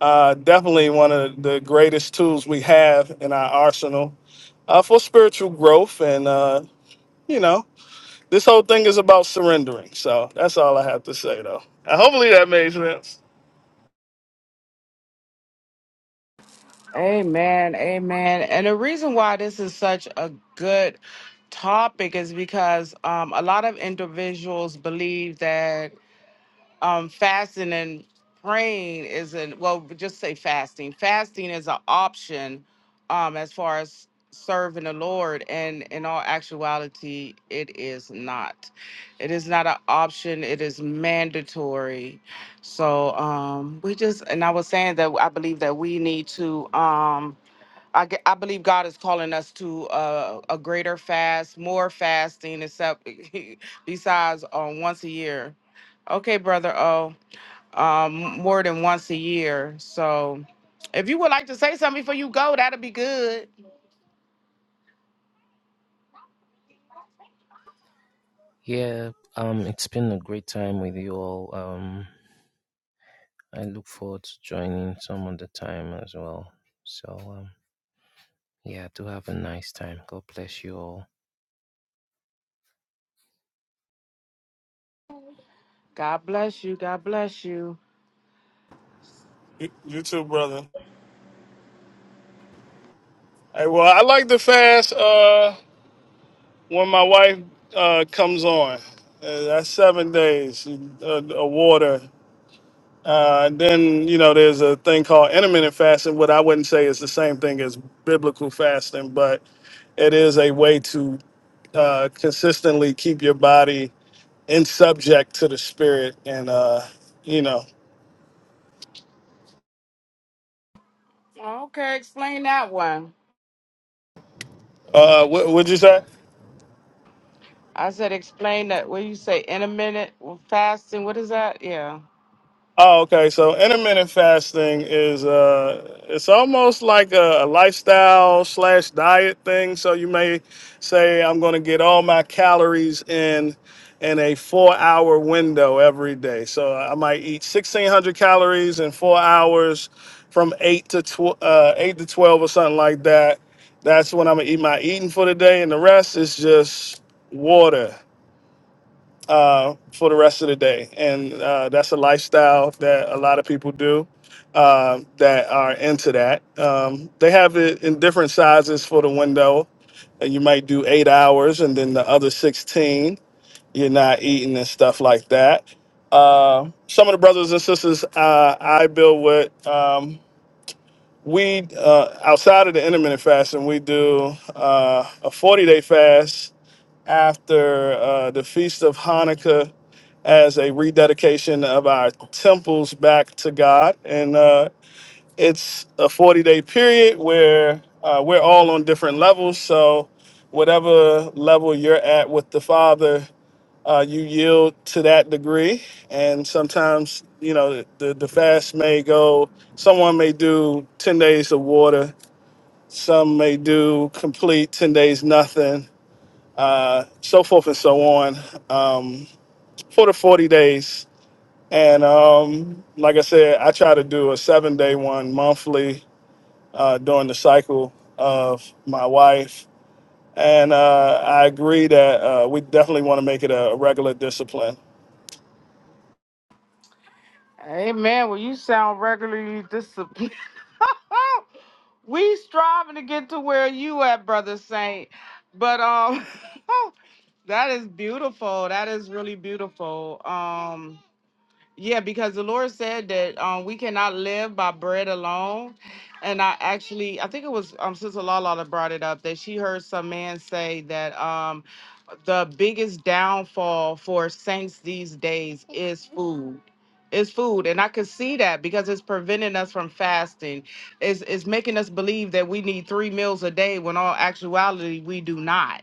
E: uh definitely one of the greatest tools we have in our arsenal uh for spiritual growth and uh you know this whole thing is about surrendering. So that's all I have to say, though. And hopefully that made sense.
A: Amen. Amen. And the reason why this is such a good topic is because um, a lot of individuals believe that um, fasting and praying isn't, well, we just say fasting. Fasting is an option um, as far as serving the Lord. And in all actuality, it is not. It is not an option, it is mandatory. So um, we just, and I was saying that I believe that we need to. Um, I, ge- I believe God is calling us to uh, a greater fast, more fasting, except [LAUGHS] besides um, once a year. Okay, brother. Oh, um, more than once a year. So, if you would like to say something before you go, that'd be good.
C: Yeah, um, it's been a great time with you all. Um, I look forward to joining some other time as well. So, um, yeah, do have a nice time. God bless you all.
A: God bless you. God bless you.
E: You, you too, brother. Hey, well, I like to fast uh, when my wife uh, comes on. Uh, that's seven days of uh, of water. Uh, and then you know there's a thing called intermittent fasting, what I wouldn't say is the same thing as biblical fasting, but it is a way to uh, consistently keep your body in subject to the spirit and uh, you know
A: Okay, explain that one.
E: Uh, what would you say?
A: I said explain that. What you say? Intermittent well, fasting. What is that? Yeah.
E: Oh, okay. So intermittent fasting is uh, it's almost like a, a lifestyle slash diet thing. So you may say I'm going to get all my calories in in a four hour window every day. So I might eat 1600 calories in four hours from eight to tw- uh, eight to twelve or something like that. That's when I'm gonna eat my eating for the day, and the rest is just water. uh, for the rest of the day. And uh, that's a lifestyle that a lot of people do uh, that are into that. Um, they have it in different sizes for the window. And you might do eight hours and then the other 16, you're not eating and stuff like that. Uh, some of the brothers and sisters uh, I build with, um, we, uh, outside of the intermittent fasting, we do uh, a 40 day fast after uh, the Feast of Hanukkah as a rededication of our temples back to God. And uh, it's a 40 day period where uh, we're all on different levels. So, whatever level you're at with the Father, uh, you yield to that degree. And sometimes, you know, the, the fast may go, someone may do 10 days of water, some may do complete 10 days nothing uh, so forth and so on um, for the 40 days. And um, like I said, I try to do a seven day one monthly uh, during the cycle of my wife. And uh, I agree that uh, we definitely want to make it a regular discipline.
A: Amen. Well, you sound regularly disciplined. [LAUGHS] We striving to get to where you at, brother Saint. But um, [LAUGHS] that is beautiful. That is really beautiful. Um, yeah, because the Lord said that um, we cannot live by bread alone. And I actually, I think it was um, Sister Lala that brought it up that she heard some man say that um, the biggest downfall for saints these days is food. Is food, and I could see that because it's preventing us from fasting. It's, it's making us believe that we need three meals a day when all actuality we do not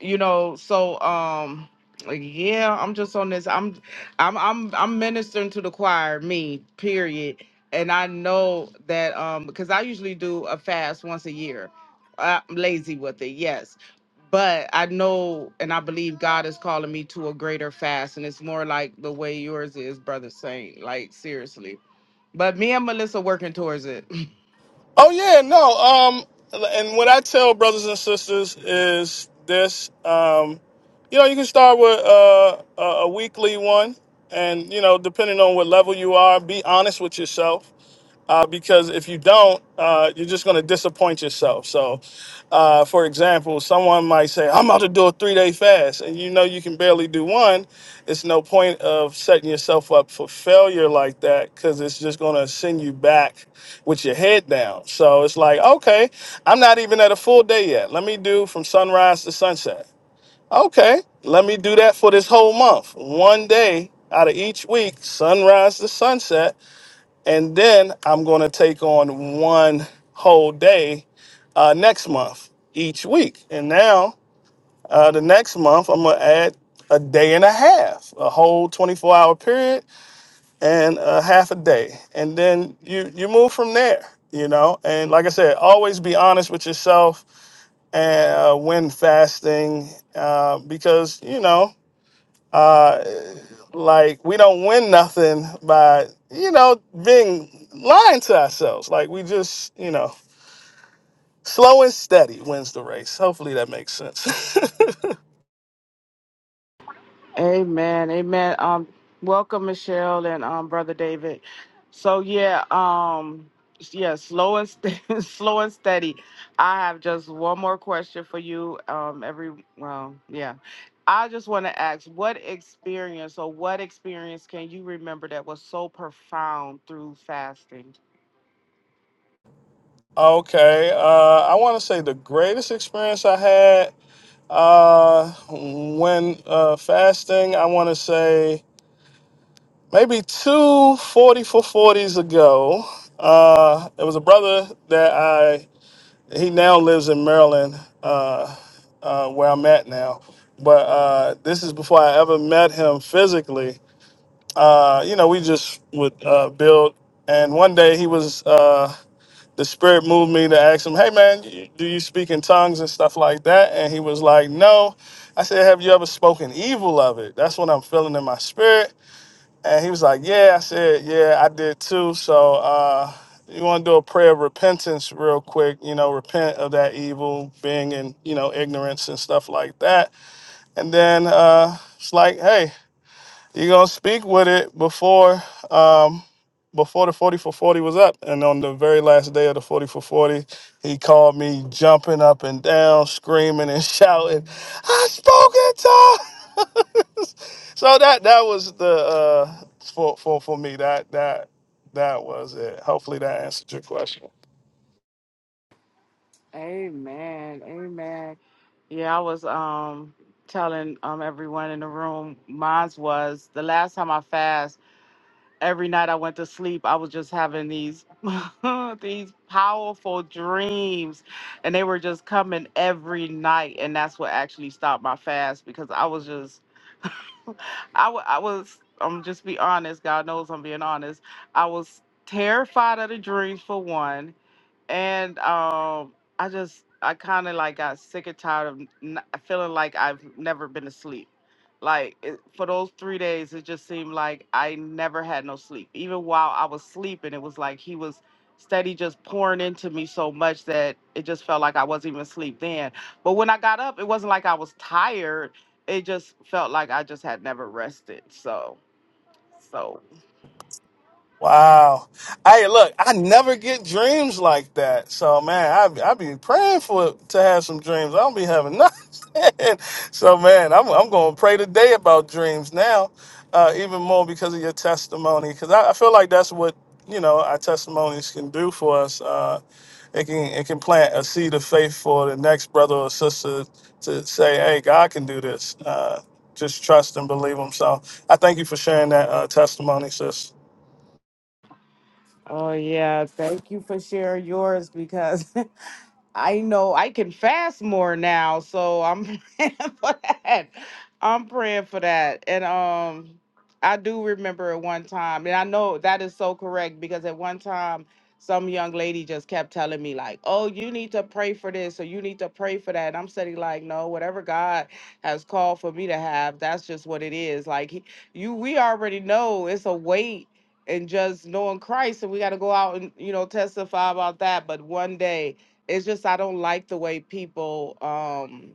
A: you know so um like, yeah i'm just on this i'm i'm i'm i'm ministering to the choir me period and i know that um because i usually do a fast once a year i'm lazy with it yes but i know and i believe god is calling me to a greater fast and it's more like the way yours is brother saint like seriously but me and melissa working towards it [LAUGHS]
E: Oh, yeah, no. Um, and what I tell brothers and sisters is this um, you know, you can start with uh, a a weekly one. And, you know, depending on what level you are, be honest with yourself uh, because if you don't, uh, you're just going to disappoint yourself. So, uh, for example, someone might say, "I'm about to do a three-day fast," and you know you can barely do one. It's no point of setting yourself up for failure like that because it's just going to send you back with your head down. So it's like, okay, I'm not even at a full day yet. Let me do from sunrise to sunset. Okay, let me do that for this whole month. One day out of each week, sunrise to sunset and then I'm going to take on one whole day uh, next month each week. And now uh, the next month, I'm going to add a day and a half, a whole 24 hour period and a half a day. And then you, you move from there, you know? And like I said, always be honest with yourself and uh, when fasting, uh, because, you know, uh, like we don't win nothing by you know being lying to ourselves. Like we just you know slow and steady wins the race. Hopefully that makes sense.
A: Amen. Amen. Um, welcome Michelle and um brother David. So yeah, um, yeah, slow and st- [LAUGHS] slow and steady. I have just one more question for you. Um, every well, yeah, I just want to ask, what experience or what experience can you remember that was so profound through fasting?
E: [LAUGHS] okay, uh, I want to say the greatest experience I had uh, when uh, fasting. I want to say maybe two forty for 40s ago. Uh, it was a brother that I he now lives in Maryland, uh, uh, where I'm at now. But uh, this is before I ever met him physically. Uh, you know, we just would uh, build. And one day he was, uh, the spirit moved me to ask him, "Hey man, y- do you speak in tongues and stuff like that?" And he was like, "No." I said, "Have you ever spoken evil of it?" That's what I'm feeling in my spirit. And he was like, Yeah, I said, Yeah, I did too. So uh you wanna do a prayer of repentance real quick, you know, repent of that evil, being in, you know, ignorance and stuff like that. And then uh it's like, hey, you're gonna speak with it before Um, before the 40 for 40 was up. And on the very last day of the 40 for 40, he called me jumping up and down, screaming and [LAUGHS] shouting, I spoke in tongues. [LAUGHS] so that that was the uh for, for for me. That that that was it. Hopefully that answered your question.
A: Amen. Amen. Yeah, I was um telling um everyone in the room. Mine was the last time I fasted. every night I went to sleep, I was just having these [LAUGHS] these powerful dreams, and they were just coming every night, and that's what actually stopped my fast because I was just I, w- I was I'm just be honest. God knows I'm being honest. I was terrified of the dreams for one and um, I just I kind of like got sick and tired of n- feeling like I've never been asleep. Like it, for those three days, it just seemed like I never had no sleep. Even while I was sleeping, it was like he was steady just pouring into me so much that it just felt like I wasn't even asleep then. But when I got up, it wasn't like I was tired. It just felt like I just had never rested. So, so
E: Wow. Hey, look, I never get dreams like that. So, man, I I be praying for to have some dreams. I don't be having nothing. [LAUGHS] so, man, I'm I'm going to pray today about dreams now, uh, even more because of your testimony. Because I, I feel like that's what you know our testimonies can do for us. Uh, it can it can plant a seed of faith for the next brother or sister to say, "Hey, God can do this." Uh, just trust and believe Him. So, I thank you for sharing that uh, testimony, sis.
A: Oh yeah, thank you for sharing yours because [LAUGHS] I know I can fast more now, so I'm [LAUGHS] praying for that. I'm praying for that. And um I do remember at one time, and I know that is so correct because at one time some young lady just kept telling me like, "Oh, you need to pray for this or you need to pray for that." And I'm sitting like, "No, whatever God has called for me to have, that's just what it is." Like he, you we already know it's a weight and just knowing Christ, and we got to go out and you know testify about that. But one day, it's just I don't like the way people. um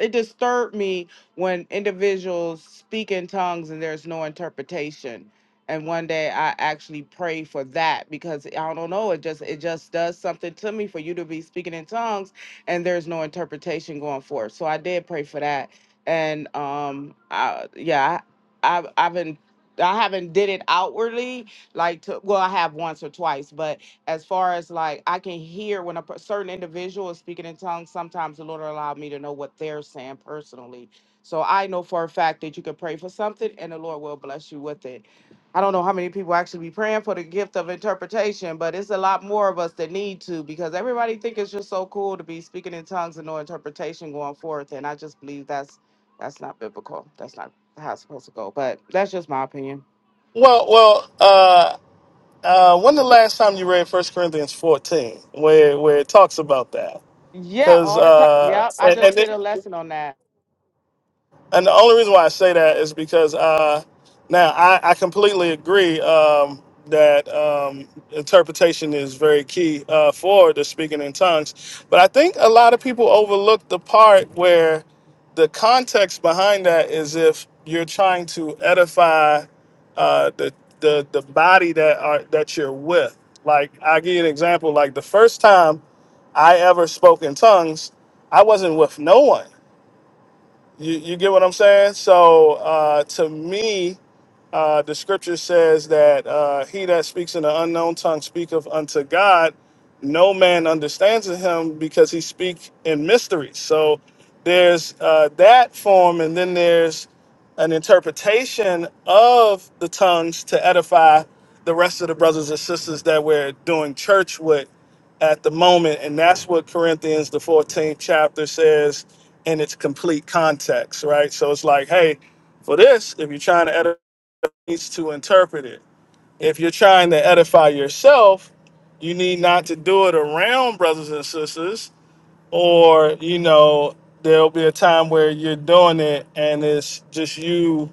A: It disturbed me when individuals speak in tongues and there's no interpretation. And one day I actually pray for that because I don't know it just it just does something to me for you to be speaking in tongues and there's no interpretation going forth. So I did pray for that, and um, I, yeah, I, I've I've been I haven't did it outwardly, like to well i have once or twice but as far as like i can hear when a per- certain individual is speaking in tongues sometimes the lord will allow me to know what they're saying personally so i know for a fact that you can pray for something and the lord will bless you with it i don't know how many people actually be praying for the gift of interpretation but it's a lot more of us that need to because everybody think it's just so cool to be speaking in tongues and no interpretation going forth and i just believe that's that's not biblical that's not how it's supposed to go but that's just my opinion
E: Well, well, uh, uh, when the last time you read First Corinthians fourteen, where where it talks about that?
A: Yeah,
E: Because
A: all the time.
E: uh,
A: Yep, I
E: and,
A: just
E: and
A: did
E: it-
A: a lesson on that.
E: and the only reason why I say that is because uh, now I, I completely agree um, that um, interpretation is very key uh, for the speaking in tongues. But I think a lot of people overlook the part where the context behind that is if you're trying to edify uh, the, the the body that are that you're with. Like I'll give you an example. Like the first time I ever spoke in tongues, I wasn't with no one. You, you get what I'm saying? So uh, to me, uh, the scripture says that uh, he that speaks in an unknown tongue speaketh unto God. No man understands him because he speak in mysteries. So there's uh, that form, and then there's an interpretation of the tongues to edify the rest of the brothers and sisters that we're doing church with at the moment, and that's what Corinthians the 14th chapter says in its complete context, right? So it's like, hey, for this, if you're trying to edify needs to interpret it. If you're trying to edify yourself, you need not to do it around brothers and sisters, or you know, there'll be a time where you're doing it and it's just you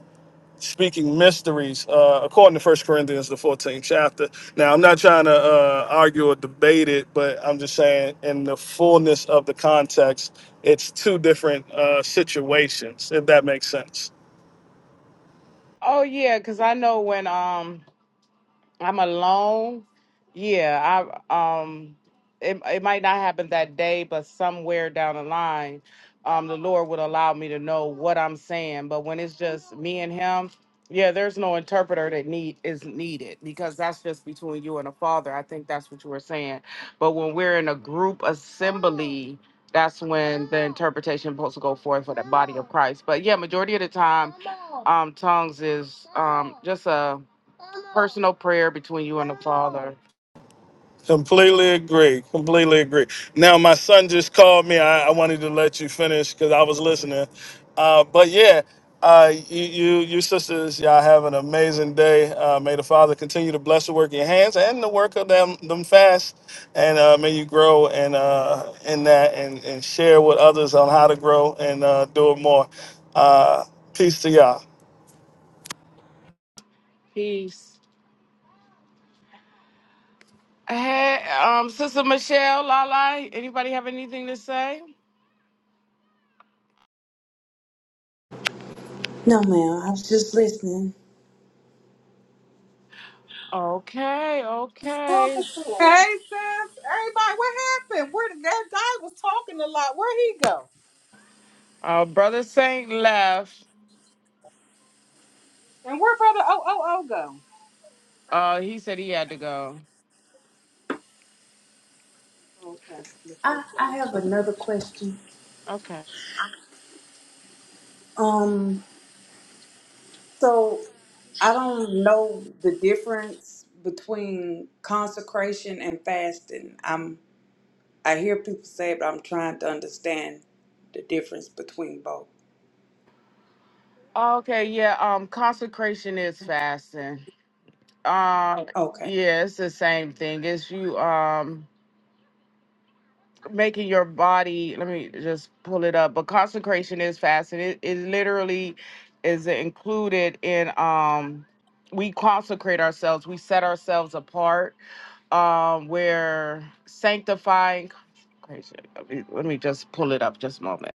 E: speaking mysteries uh, according to first corinthians the 14th chapter now i'm not trying to uh, argue or debate it but i'm just saying in the fullness of the context it's two different uh, situations if that makes sense
A: Oh yeah, because I know when um I'm alone. Yeah, I um it it might not happen that day, but somewhere down the line, um the Lord would allow me to know what I'm saying. But when it's just me and him, yeah, there's no interpreter that need is needed because that's just between you and the Father. I think that's what you were saying. But when we're in a group assembly, that's when the interpretation supposed to go forth for the body of Christ. But yeah, majority of the time, um, tongues is um just a personal prayer between you and the Father.
E: Completely agree. Completely agree. Now, my son just called me. I, I wanted to let you finish because I was listening. Uh, but yeah, uh, you, you, you sisters, y'all have an amazing day. Uh, may the Father continue to bless the work of your hands and the work of them, them fast. And uh, may you grow and uh, in that and, and share with others on how to grow and uh, do it more. Uh, peace to y'all.
A: Peace. Hey, um, Sister Michelle, Lala, anybody have anything to say?
D: No, ma'am. I was just listening.
A: Okay, okay.
B: Hey sis, everybody, what happened? Where did that guy was talking a lot? Where would he go?
A: Uh, Brother Saint left.
B: And where brother O O O go?
A: Uh, he said he had to go.
D: I have another question.
A: Okay.
D: Um, so I don't know the difference between consecration and fasting. I'm I hear people say it, but I'm trying to understand the difference between both.
A: Okay, yeah. Um, consecration is fasting. Um,
D: Okay.
A: yeah, it's the same thing. It's you. Um, making your body let me just pull it up but consecration is fasting it, it literally is included in um we consecrate ourselves we set ourselves apart um we're sanctifying let me, let me just pull it up just a moment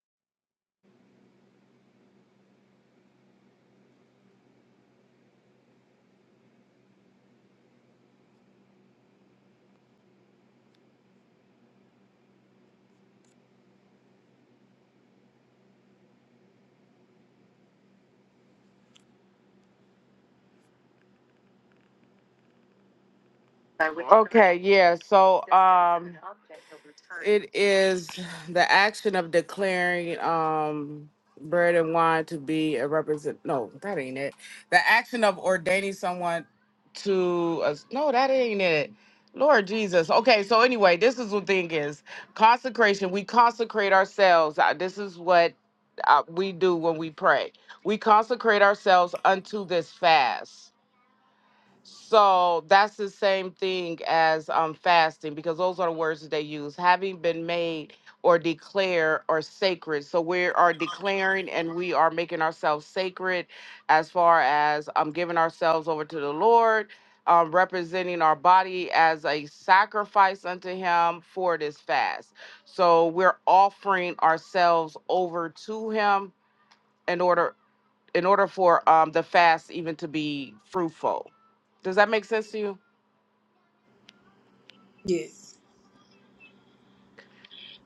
A: okay yeah so it is the action of declaring um bread and wine to be a represent. No, that ain't it. The action of ordaining someone to us. No, that ain't it. Lord Jesus. Okay, so anyway, this is what thing is consecration. We consecrate ourselves. Uh, This is what uh, we do when we pray. We consecrate ourselves unto this fast. So that's the same thing as um, fasting because those are the words that they use having been made or declare or sacred. So we are declaring and we are making ourselves sacred as far as um, giving ourselves over to the Lord, um, representing our body as a sacrifice unto Him for this fast. So we're offering ourselves over to Him in order in order for um, the fast even to be fruitful. Does that make sense to you?
D: Yes.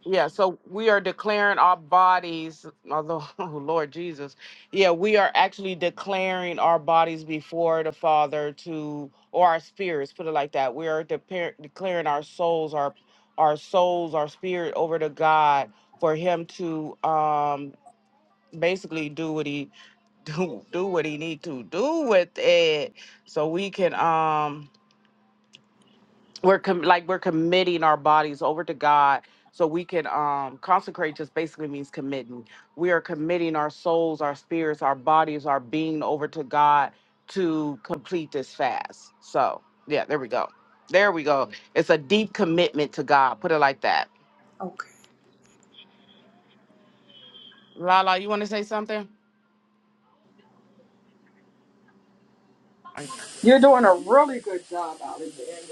A: Yeah, so we are declaring our bodies, although, [LAUGHS] oh, Lord Jesus, yeah, we are actually declaring our bodies before the Father to, or our spirits, put it like that. We are depa- declaring our souls, our our souls, our spirit over to God for Him to um basically do what He [LAUGHS] do do what He need to do with it, so we can um we're com- like we're committing our bodies over to God so we can um consecrate just basically means committing. We are committing our souls, our spirits, our bodies, our being over to God to complete this fast. So, yeah, there we go. There we go. It's a deep commitment to God. Put it like that.
D: Okay.
A: Lala, you want to say something?
B: You're doing a really good job out of the end.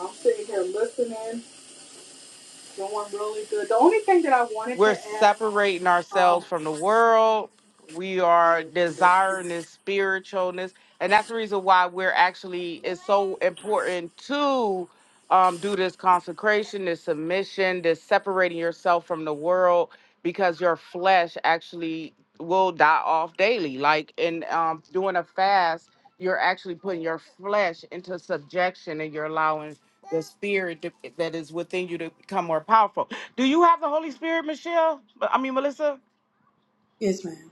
B: I'm sitting here listening, doing really good. The only thing that I wanted to
A: we're
B: ask,
A: separating
B: um,
A: ourselves from the world. We are desiring this spiritualness. And that's the reason why we're actually, it's so important to um, do this consecration, this submission, this separating yourself from the world, because your flesh actually will die off daily. Like in um, doing a fast, you're actually putting your flesh into subjection and you're allowing the spirit to- that is within you to become more powerful do you have the Holy Spirit, Michelle? I mean, Melissa?
D: Yes, ma'am.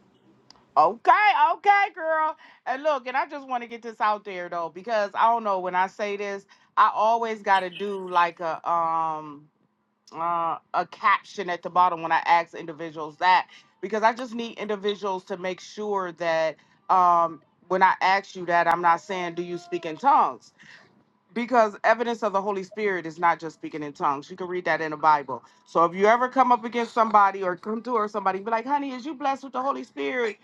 A: Okay, okay, girl. And look, and I just want to get this out there though, because I don't know when I say this, I always got to do like a um uh, a caption at the bottom when I ask individuals that because I just need individuals to make sure that um when I ask you that, I'm not saying do you speak in tongues because evidence of the Holy Spirit is not just speaking in tongues. You can read that in the Bible. So if you ever come up against somebody or come to or somebody, be like, honey, is you blessed with the Holy Spirit?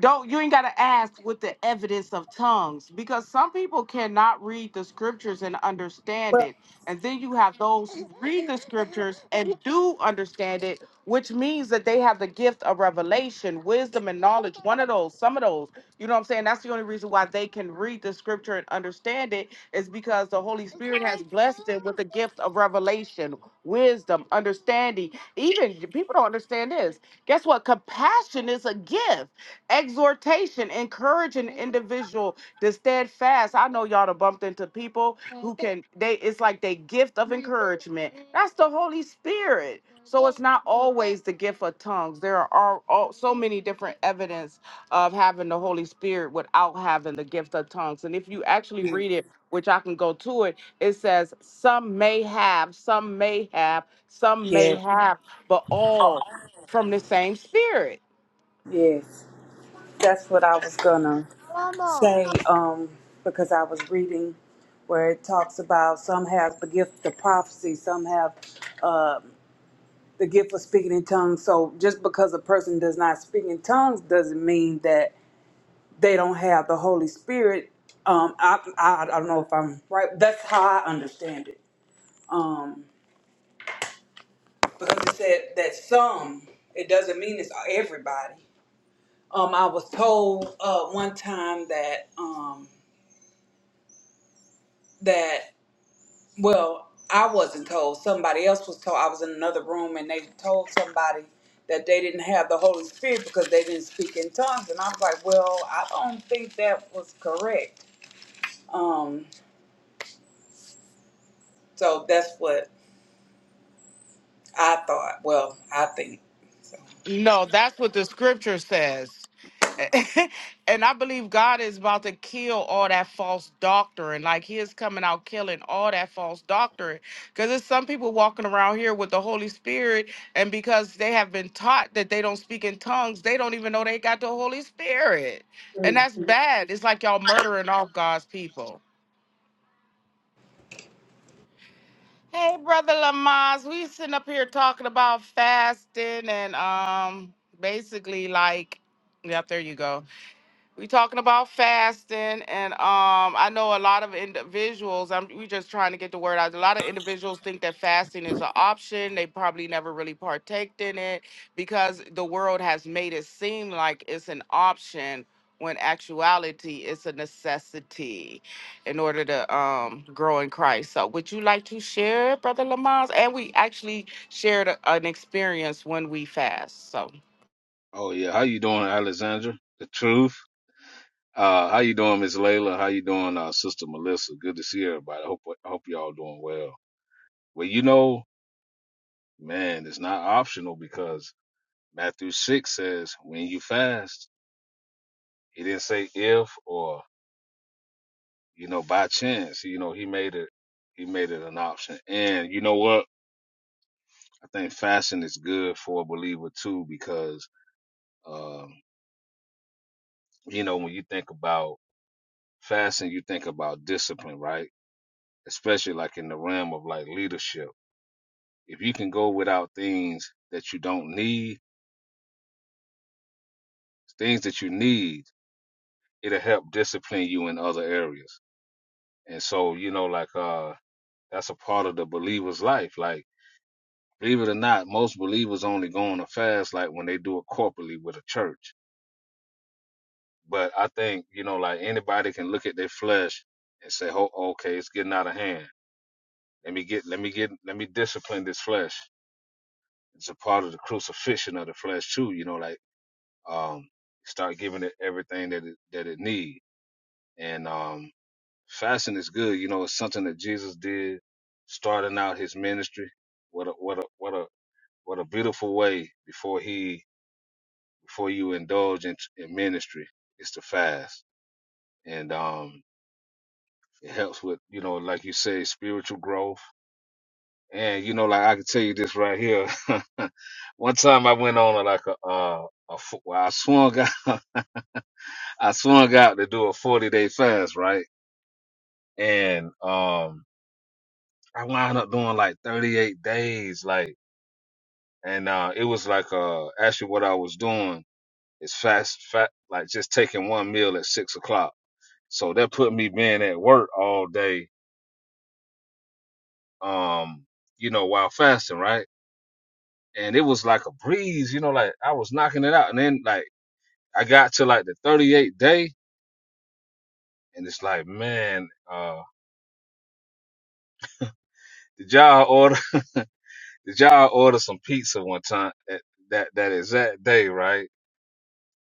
A: don't you ain't gotta ask with the evidence of tongues because some people cannot read the scriptures and understand it and then you have those who read the scriptures and do understand it which means that they have the gift of revelation wisdom and knowledge one of those some of those you know what i'm saying that's the only reason why they can read the scripture and understand it is because the holy spirit has blessed them with the gift of revelation wisdom understanding even people don't understand this guess what compassion is a gift exhortation, encourage an individual to stand fast. I know y'all done bumped into people who can they it's like they gift of encouragement. That's the Holy Spirit. So it's not always the gift of tongues. There are all, so many different evidence of having the Holy Spirit without having the gift of tongues. And if you actually read it, which I can go to it, it says some may have, some may have, some may
D: Yes.
A: have, but all from the same spirit.
D: Yes. That's what I was gonna say, um, because I was reading where it talks about some have the gift of prophecy, some have uh, the gift of speaking in tongues. So just because a person does not speak in tongues doesn't mean that they don't have the Holy Spirit. Um, I, I, I don't know if I'm right. That's how I understand it. Um, because it said that some, it doesn't mean it's everybody. Um, I was told uh, one time that um, that well, I wasn't told. Somebody else was told. I was in another room and they told somebody that they didn't have the Holy Spirit because they didn't speak in tongues. And I was like, well, I don't think that was correct. Um, so that's what I thought, well, I think so.
A: No, that's what the scripture says. [LAUGHS] and I believe God is about to kill all that false doctrine. Like he is coming out killing all that false doctrine. Because there's some people walking around here with the Holy Spirit, and because they have been taught that they don't speak in tongues, they don't even know they got the Holy Spirit. And that's bad. It's like y'all murdering off God's people. Hey, brother Lamaze, we sitting up here talking about fasting and um basically like Yep, there you go. we talking about fasting and um i know a lot of individuals i'm we just trying to get the word out a lot of individuals think that fasting is an option they probably never really partaked in it because the world has made it seem like it's an option when actuality it's a necessity in order to um grow in christ so would you like to share brother lamont and we actually shared a, an experience when we fast so
F: Oh yeah, how you doing, Alexandra? The truth. Uh, how you doing, Miss Layla? How you doing, uh, Sister Melissa? Good to see everybody. I hope I hope y'all doing well. Well, you know, man, it's not optional because Matthew six says when you fast. He didn't say if or you know by chance. You know he made it he made it an option. And you know what? I think fasting is good for a believer too because um, you know when you think about fasting, you think about discipline, right? especially like in the realm of like leadership. If you can go without things that you don't need, things that you need, it'll help discipline you in other areas. And so, you know, like uh that's a part of the believer's life. Like, believe it or not, most believers only go on a fast like when they do it corporately with a church. But I think, you know, like anybody can look at their flesh and say, Oh, okay, it's getting out of hand. Let me get let me get let me discipline this flesh it's a part of the crucifixion of the flesh too. You know, like um, start giving it everything that it, that it needs, And um, fasting is good. You know, it's something that Jesus did starting out his ministry. What a what a what a what a beautiful way before he before you indulge in, in ministry is to fast, and um, it helps with you know, like you say, spiritual growth. And you know, like I can tell you this right here. [LAUGHS] One time I went on like a, uh, a, f- well, I swung out, [LAUGHS] I swung out to do a 40 day fast, right? and um I wound up doing like 38 days like and uh it was like uh actually what I was doing is fast fat like just taking one meal at six o'clock so that put me being at work all day um you know while fasting right and it was like a breeze you know like I was knocking it out and then like I got to like the 38th day and it's like man uh did y'all order [LAUGHS] did y'all order some pizza one time at that that exact day right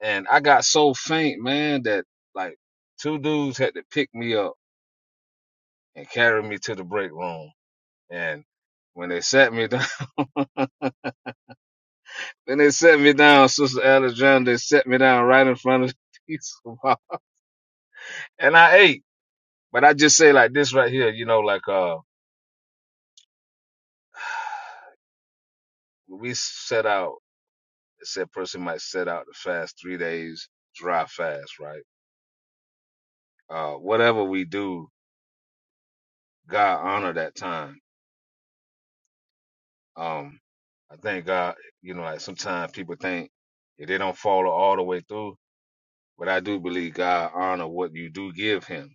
F: And I got so faint, man, that like two dudes had to pick me up and carry me to the break room. And when they sat me down, [LAUGHS] when they sat me down, Sister Alexandra, they sat me down right in front of the [LAUGHS] piece of rock. And I ate. But I just say like this right here, you know, like, uh, when we set out, it said person might set out to fast three days, dry fast, right? Uh, whatever we do, God honor that time. Um, I thank God, you know, like sometimes people think if they don't follow all the way through, but I do believe God honor what you do give him.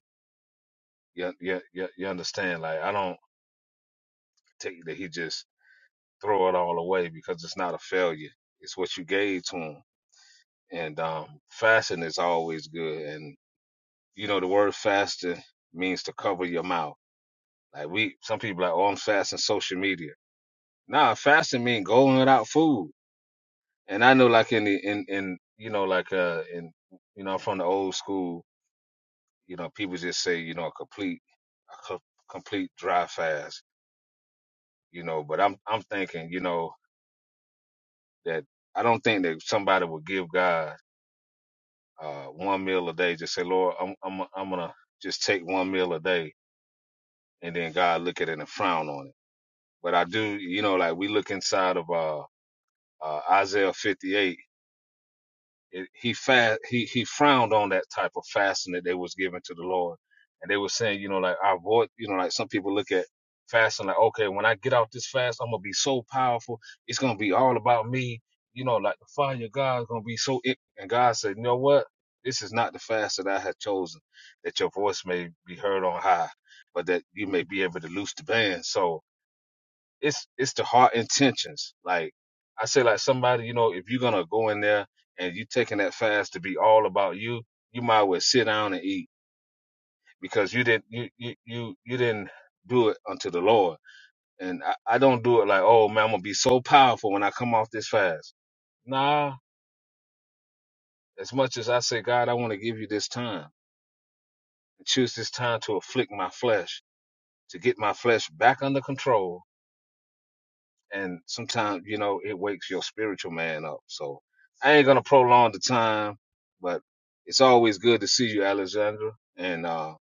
F: You, you, you, you understand? Like, I don't take that he just throw it all away because it's not a failure. It's what you gave to him. And, um, fasting is always good. And, you know, the word fasting means to cover your mouth. Like we, some people like, oh, I'm fasting social media. Nah, fasting means going without food. and I know like in the in in you know like uh in you know I'm from the old school you know people just say you know a complete a co- complete dry fast you know but I'm I'm thinking you know that I don't think that somebody would give God uh one meal a day just say Lord I'm I'm I'm gonna just take one meal a day and then God look at it and frown on it but I do you know like we look inside of uh, uh Isaiah 58 It, he fa- he he frowned on that type of fasting that they was giving to the Lord, and they were saying, you know, like I avoid, you know, like some people look at fasting like, okay, when I get out this fast, I'm gonna be so powerful. It's gonna be all about me. You know, like the fire of God is gonna be so. It. And God said, you know what? This is not the fast that I had chosen, that your voice may be heard on high, but that you may be able to loose the band. So it's it's the heart intentions. Like I say, like somebody, you know, if you're gonna go in there and you taking that fast to be all about you, you might well sit down and eat because you didn't you you you, you didn't do it unto the Lord. And I, I don't do it like, oh man, I'm gonna be so powerful when I come off this fast. Nah, as much as I say, God, I want to give you this time and choose this time to afflict my flesh, to get my flesh back under control and sometimes you know it wakes your spiritual man up. So I ain't gonna prolong the time, but it's always good to see you, Alexandra and uh,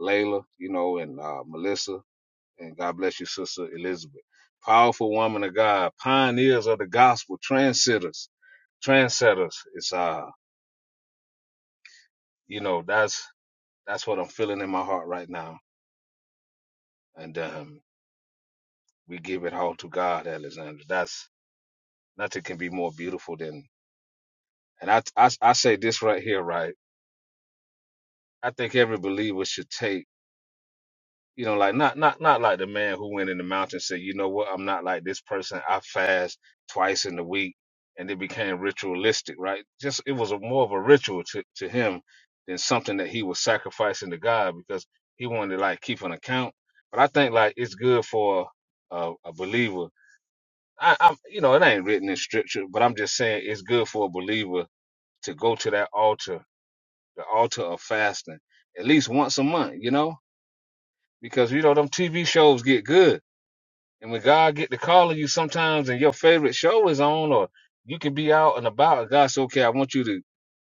F: Layla, you know, and uh, Melissa, and God bless you, sister Elizabeth. Powerful woman of God, pioneers of the gospel, trendsetters, trendsetters. It's uh, you know, that's that's what I'm feeling in my heart right now, and um, we give it all to God, Alexandra. That's nothing can be more beautiful than and I, I I say this right here, right? I think every believer should take, you know, like not not not like the man who went in the mountain and said, you know what, I'm not like this person. I fast twice in the week, and it became ritualistic, right? Just it was a, more of a ritual to to him than something that he was sacrificing to God because he wanted to like keep an account. But I think like it's good for a, a believer. I, I'm, you know, it ain't written in scripture, but I'm just saying it's good for a believer to go to that altar, the altar of fasting, at least once a month, you know because you know them TV shows get good, and when God get to calling you sometimes, and your favorite show is on, or you can be out and about, and God say, "Okay, I want you to,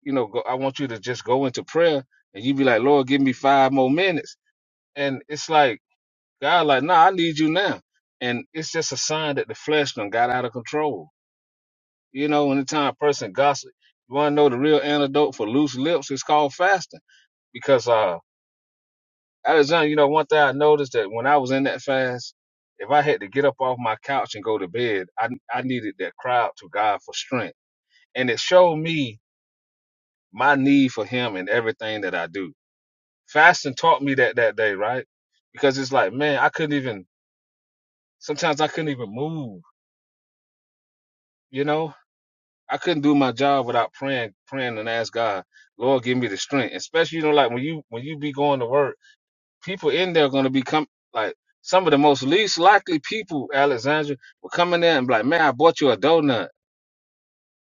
F: you know, go, I want you to just go into prayer," and you be like, "Lord, give me five more minutes," and it's like God, like, "Nah, I need you now," and it's just a sign that the flesh done got out of control. You know, anytime a person gossip, you want to know the real antidote for loose lips? It's called fasting because uh At a time, you know, one thing I noticed that when I was in that fast, if I had to get up off my couch and go to bed, I I needed that cry out to God for strength, and it showed me my need for Him in everything that I do. Fasting taught me that that day, right? Because it's like, man, I couldn't even. Sometimes I couldn't even move. You know, I couldn't do my job without praying, praying and ask God, Lord, give me the strength. Especially, you know, like when you when you be going to work people in there are going to become like some of the most least likely people, Alexandra, will come in there and be like, man, I bought you a donut.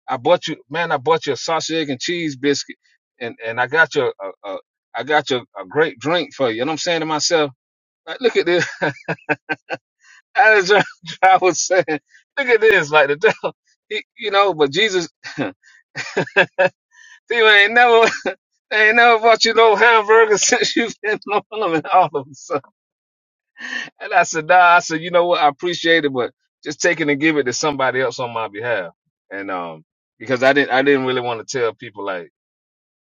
F: I bought you, man, I bought you a sausage, egg, and cheese biscuit. And, and I got you, a, a, I got you a great drink for you. And I'm saying to myself, like, look at this. [LAUGHS] Alexandra I was saying, look at this. Like the devil, he, you know, but Jesus, [LAUGHS] they ain't never, [LAUGHS] they ain't never bought you no hamburger [LAUGHS] since you've been on them and all of them. And I said, nah, I said, you know what? I appreciate it, but just take it and give it to somebody else on my behalf. And, um, because I didn't, I didn't really want to tell people like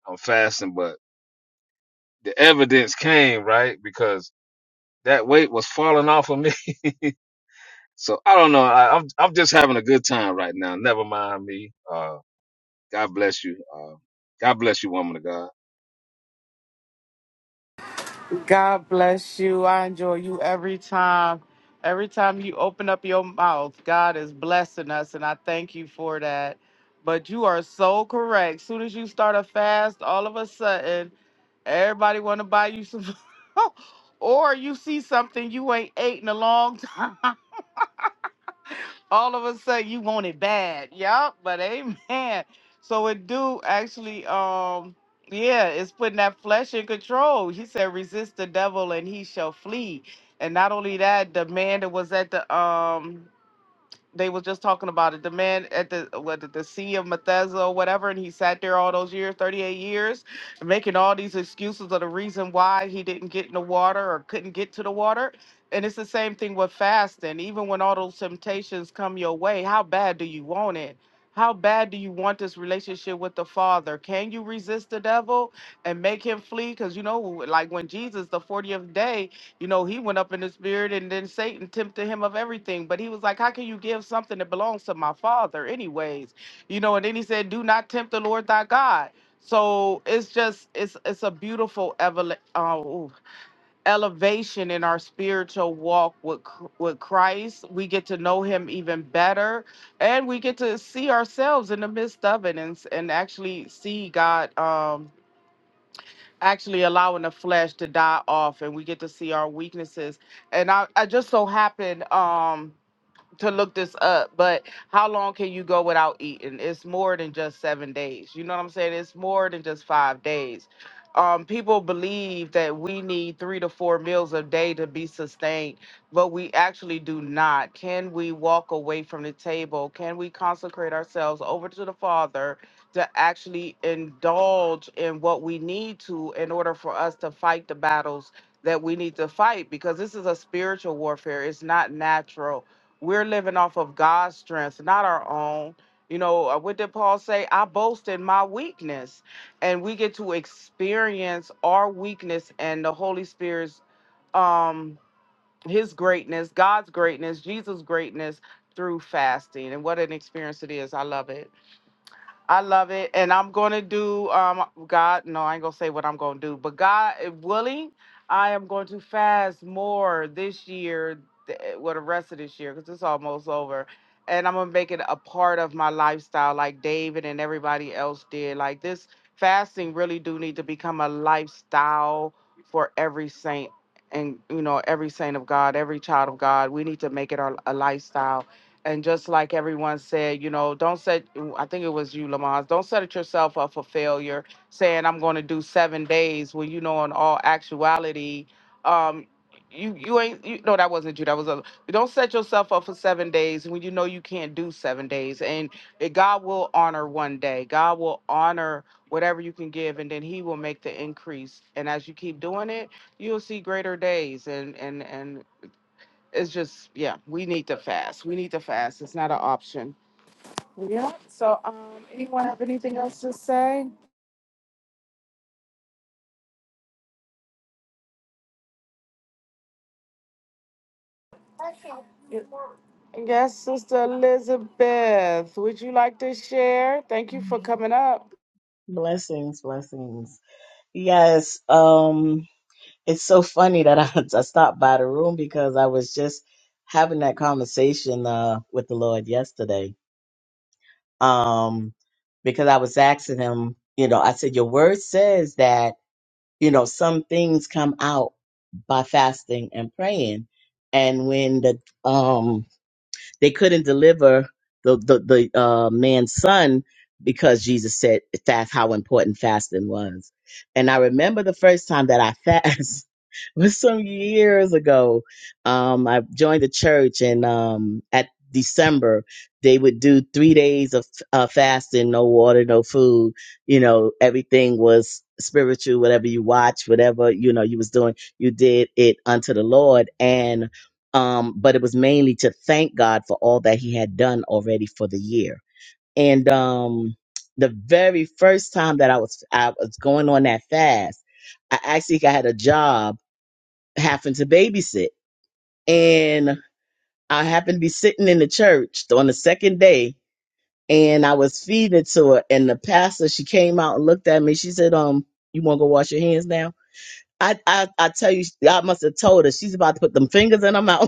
F: I'm fasting, but the evidence came, right? Because that weight was falling off of me. [LAUGHS] So I don't know. I, I'm, I'm just having a good time right now. Never mind me. Uh, God bless you. Uh, God bless you, woman of God.
A: God bless you. I enjoy you every time. Every time you open up your mouth, God is blessing us, and I thank you for that. But you are so correct. Soon as you start a fast, all of a sudden, everybody want to buy you some, [LAUGHS] or you see something you ain't ate in a long time, [LAUGHS] all of a sudden you want it bad. Yup, but amen. So it do actually um yeah, it's putting that flesh in control. He said, resist the devil and he shall flee. And not only that, the man that was at the um they was just talking about it. The man at the what the Sea of Bethesda or whatever, and he sat there all those years, 38 years, making all these excuses of the reason why he didn't get in the water or couldn't get to the water. And it's the same thing with fasting. Even when all those temptations come your way, how bad do you want it? How bad do you want this relationship with the Father? Can you resist the devil and make him flee? Because you know, like when Jesus, the 40th day, you know, he went up in the spirit and then Satan tempted him of everything. But he was like, How can you give something that belongs to my father, anyways? You know, and then he said, Do not tempt the Lord thy God. So it's just it's it's a beautiful evol- uh, ooh, elevation in our spiritual walk with Chr- with Christ. We get to know Him even better, and we get to see ourselves in the midst of it, and s- and actually see God. Um, actually allowing the flesh to die off and we get to see our weaknesses. And I, I just so happened, um, to look this up, but how long can you go without eating? It's more than just seven days. You know what I'm saying? It's more than just five days. Um, people believe that we need three to four meals a day to be sustained, but we actually do not. Can we walk away from the table? Can we consecrate ourselves over to the Father to actually indulge in what we need to in order for us to fight the battles that we need to fight? Because this is a spiritual warfare, it's not natural we're living off of God's strength, not our own. You know, uh, what did Paul say? I boast in my weakness. And we get to experience our weakness and the Holy Spirit's um his greatness, God's greatness, Jesus' greatness through fasting. And what an experience it is. I love it. I love it, and I'm gonna do um God. No, I ain't gonna say what I'm gonna do, but God eh, willing, I am going to fast more this year, th- eh, well the rest of this year, because it's almost over, and I'm gonna make it a part of my lifestyle, like David and everybody else did. Like this fasting really do need to become a lifestyle for every saint, and you know every saint of God, every child of God. We need to make it our, a lifestyle and just like everyone said, you know, don't set, I think it was you, Lamont, don't set it yourself up for failure saying, I'm going to do seven days when you know, in all actuality, um, you, you ain't, you, no, that wasn't you. That was a, don't set yourself up for seven days when you know you can't do seven days. And it, God will honor one day. God will honor whatever you can give, and then He will make the increase. And as you keep doing it, you'll see greater days. And and and it's just yeah we need to fast we need to fast it's not an option yeah so um anyone have anything else to say and yes sister elizabeth would you like to share thank you for coming up
G: Blessings, blessings. Yes, um, it's so funny that I, [LAUGHS] I stopped by the room because I was just having that conversation uh with the Lord yesterday. Um, because I was asking him, you know, I said, Your word says that, you know, some things come out by fasting and praying. And when the um they couldn't deliver the the, the uh, man's son because Jesus said fast how important fasting was. And I remember the first time that I fast [LAUGHS] was some years ago. Um, I joined the church, and um, at December they would do three days of uh, fasting, no water, no food you know everything was spiritual whatever you watch whatever you know you was doing you did it unto the lord and um, but it was mainly to thank God for all that He had done already for the year. And um, the very first time that I was I was going on that fast, I actually got a job having to babysit, and I happened to be sitting in the church on the second day, and I was feeding it to her, and the pastor she came out and looked at me. She said, "Um, you want to go wash your hands now?" I, I I tell you, I must have told her she's about to put them fingers in her mouth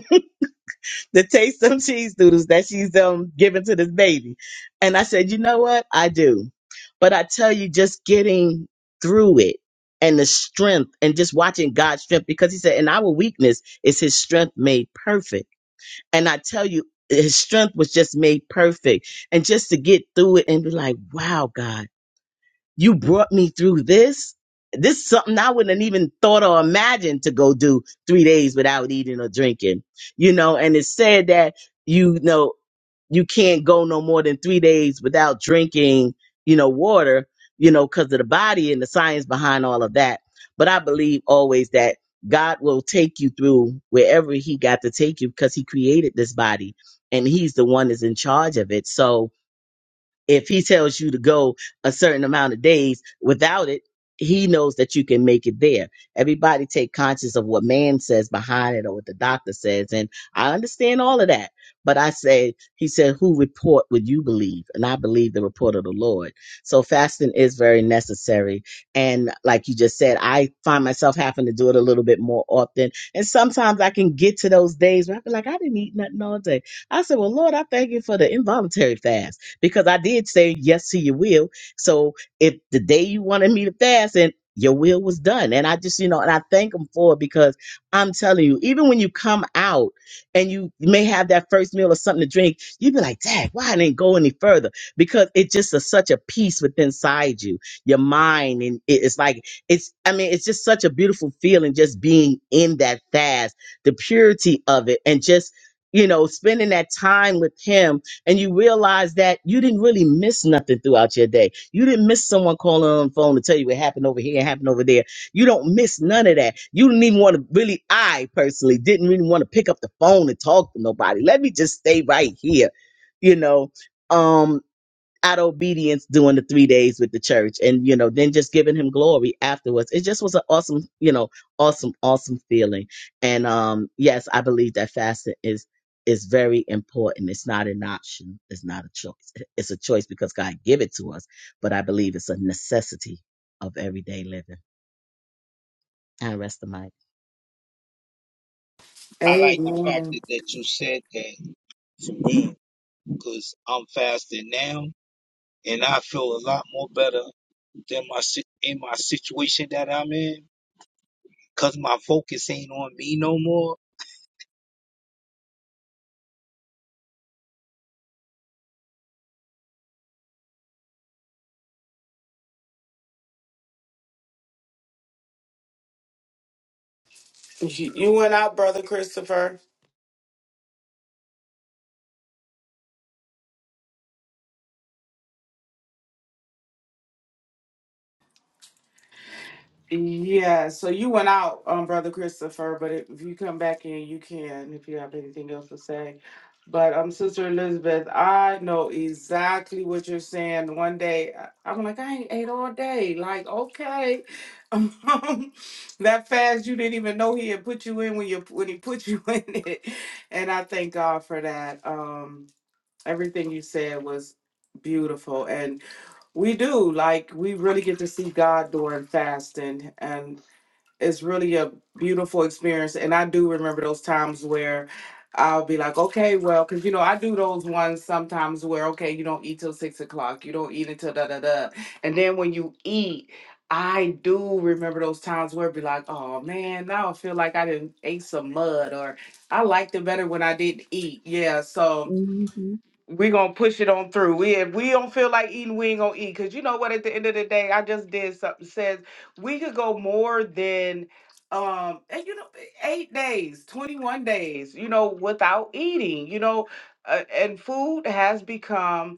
G: the taste of cheese doodles that she's um giving to this baby. And I said, you know what? I do. But I tell you, just getting through it and the strength and just watching God's strength, because he said, in our weakness is his strength made perfect. And I tell you, his strength was just made perfect. And just to get through it and be like, wow, God you brought me through this. This is something I wouldn't have even thought or imagined to go do three days without eating or drinking, you know. And it said that you know you can't go no more than three days without drinking, you know, water, you know, because of the body and the science behind all of that. But I believe always that God will take you through wherever He got to take you because He created this body and He's the one that's in charge of it. So, if he tells you to go a certain amount of days without it he knows that you can make it there everybody take conscious of what man says behind it or what the doctor says and i understand all of that but i say he said who report would you believe and i believe the report of the lord so fasting is very necessary and like you just said i find myself having to do it a little bit more often and sometimes i can get to those days where i feel like i didn't eat nothing all day i said well lord i thank you for the involuntary fast because I did say yes to your will. So if the day you wanted me to fast and your will was done. And I just, you know, and I thank him for it because I'm telling you, even when you come out and you may have that first meal or something to drink, you'd be like, dang, why I didn't go any further? Because it just is such a peace within inside you, your mind. And it- it's like, it's, I mean, it's just such a beautiful feeling just being in that fast, the purity of it, and just, you know, spending that time with him and you realize that you didn't really miss nothing throughout your day. You didn't miss someone calling on the phone to tell you what happened over here and happened over there. You don't miss none of that. You didn't even want to really, I personally didn't really want to pick up the phone and talk to nobody. Let me just stay right here, you know. Um, out of obedience doing the three days with the church and you know then just giving him glory afterwards it just was an awesome you know awesome awesome feeling and um yes i believe that fasting is is very important it's not an option it's not a choice it's a choice because god give it to us but i believe it's a necessity of everyday living i rest the mic
H: I like the fact
A: Amen.
H: that, that you said that because I'm fasting now and I feel a lot more better than my si- in my situation that I'm in because my focus ain't on me no more.
A: Yeah, so you went out, um, Brother Christopher, but if if you come back in, you can, if you have anything else to say. But um, Sister Elizabeth, I know exactly what you're saying. One day, I- I'm like, I ain't ate all day. Like, okay, [LAUGHS] um, that fast you didn't even know he had put you in when you when he put you [LAUGHS] in it. And I thank God for that. Um, everything you said was beautiful, and we do. Like we really get to see God during fasting and it's really a beautiful experience. And I do remember those times where I'll be like, okay, well, because you know, I do those ones sometimes where, okay, you don't eat till six o'clock, you don't eat until da da da. And then when you eat, I do remember those times where it'd be like, oh man, now I feel like I didn't ate some mud or I liked it better when I didn't eat. Yeah. So we're gonna push it on through. We if we don't feel like eating, we ain't gonna eat. Cause you know what? At the end of the day, I just did something says we could go more than um and you know eight days, 21 days, you know, without eating, you know, uh, and food has become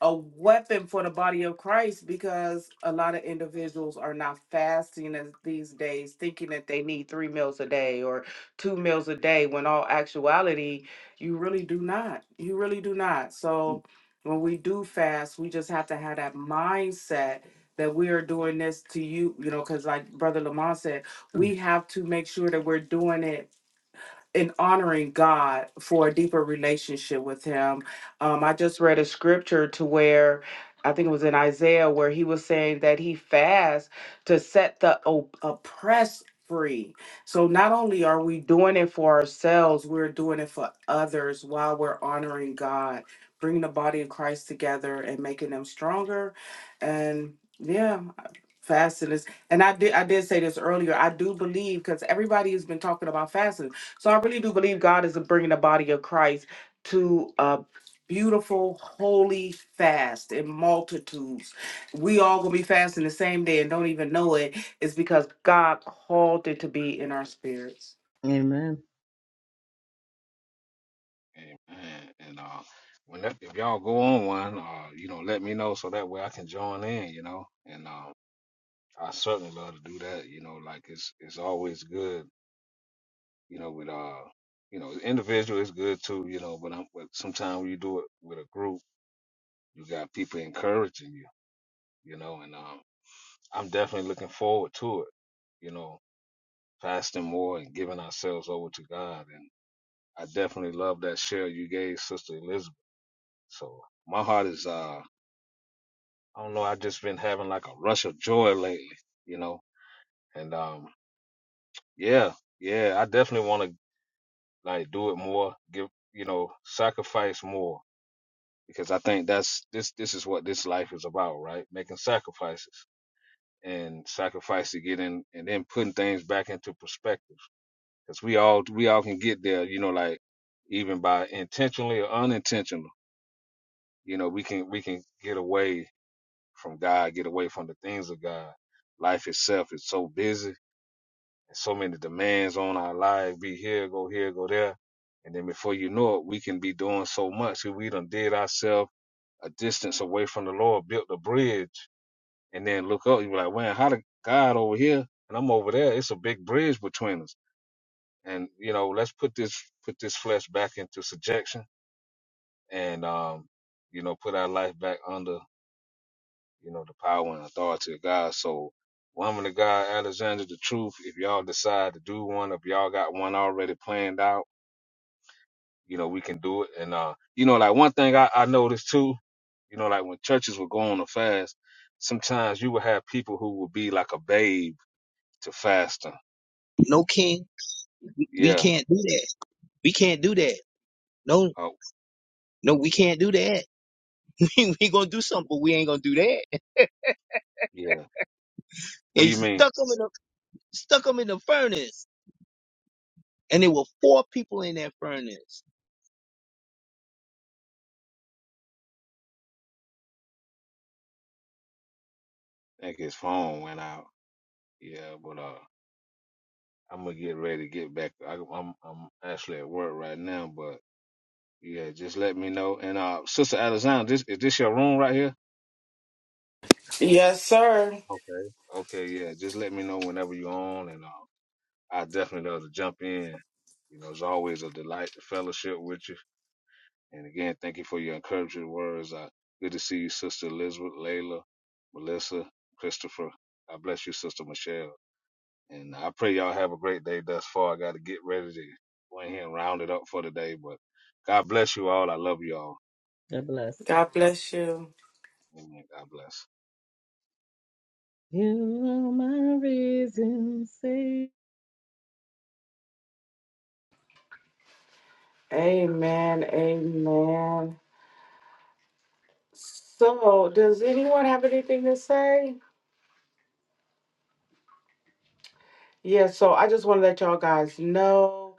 A: a weapon for the body of Christ because a lot of individuals are not fasting as these days, thinking that they need three meals a day or two meals a day, when all actuality, you really do not. You really do not. So when we do fast, we just have to have that mindset that we are doing this to you, you know, because like Brother Lamont said,
G: Mhm.
A: we have to make sure that we're doing it and honoring God for a deeper relationship with Him. Um, I just read a scripture to where I think it was in Isaiah where he was saying that he fasts to set the op- oppressed free. So not only are we doing it for ourselves, we're doing it for others while we're honoring God, bringing the body of Christ together and making them stronger. And yeah. Fasting is, and I did I did say this earlier. I do believe because everybody has been talking about fasting, so I really do believe God is bringing the body of Christ to a beautiful holy fast in multitudes. We all gonna be fasting the same day and don't even know it. It's because God called it to be in our spirits.
G: amen
F: Amen. And, uh, when that, if y'all go on one, uh, you know, let me know so that way I can join in, you know, and, um. I certainly love to do that. You know, like it's it's always good. You know, with uh, you know, individual is good too. You know, but I'm but sometimes when you do it with a group, you got people encouraging you. You know, and um, I'm definitely looking forward to it. You know, fasting more and giving ourselves over to God, and I definitely love that share you gave Sister Elizabeth. So my heart is uh, I don't know, I've just been having like a rush of joy lately. You know, and um, yeah, yeah, I definitely want to like do it more give you know sacrifice more because i think that's this this is what this life is about right making sacrifices and sacrifice to get in and then putting things back into perspective because we all we all can get there you know like even by intentionally or unintentional you know we can we can get away from god get away from the things of god life itself is so busy and so many demands on our life. Be here, go here, go there. And then before you know it, we can be doing so much. that We done did ourselves a distance away from the Lord, built a bridge, and then look up, you be like, man, how did God over here and I'm over there? It's a big bridge between us. And you know, let's put this put this flesh back into subjection and um, you know, put our life back under you know, the power and authority of God. So, woman of God, Alexander, the truth, if y'all decide to do one, if y'all got one already planned out, you know, we can do it. And, uh, you know, like one thing I, I noticed too, you know, like when churches would go on a fast, sometimes you would have people who would be like a babe to fasting.
H: No, King, we
F: Yeah.
H: can't do that. We can't do that. No,
F: Oh,
H: no, we can't do that. [LAUGHS] we we gonna do something, but we ain't gonna do that.
F: yeah. What do
H: They
F: you mean?
H: stuck them in the stuck 'em in the furnace, and there were four people in that furnace.
F: I think his phone went out. Yeah, but, uh, I'm gonna get ready to get back. I, I'm I'm actually at work right now, but Yeah, just let me know. And uh, Sister Alexandra, this is this your room right here?
A: Yes, sir.
F: Okay. Okay, yeah. Just let me know whenever you're on, and uh, I definitely love to jump in. You know, it's always a delight to fellowship with you. And again, thank you for your encouraging words. Uh, good to see you, Sister Elizabeth, Layla, Melissa, Christopher. I bless you, Sister Michelle. And I pray y'all have a great day thus far. I got to get ready to go in here and round it up for the day. But God bless you all. I love you all.
G: god bless
A: God bless you.
F: Amen. God bless.
G: you are my reason say
A: Amen. Amen. So, does anyone have anything to say? Yeah, so I just want to let y'all guys know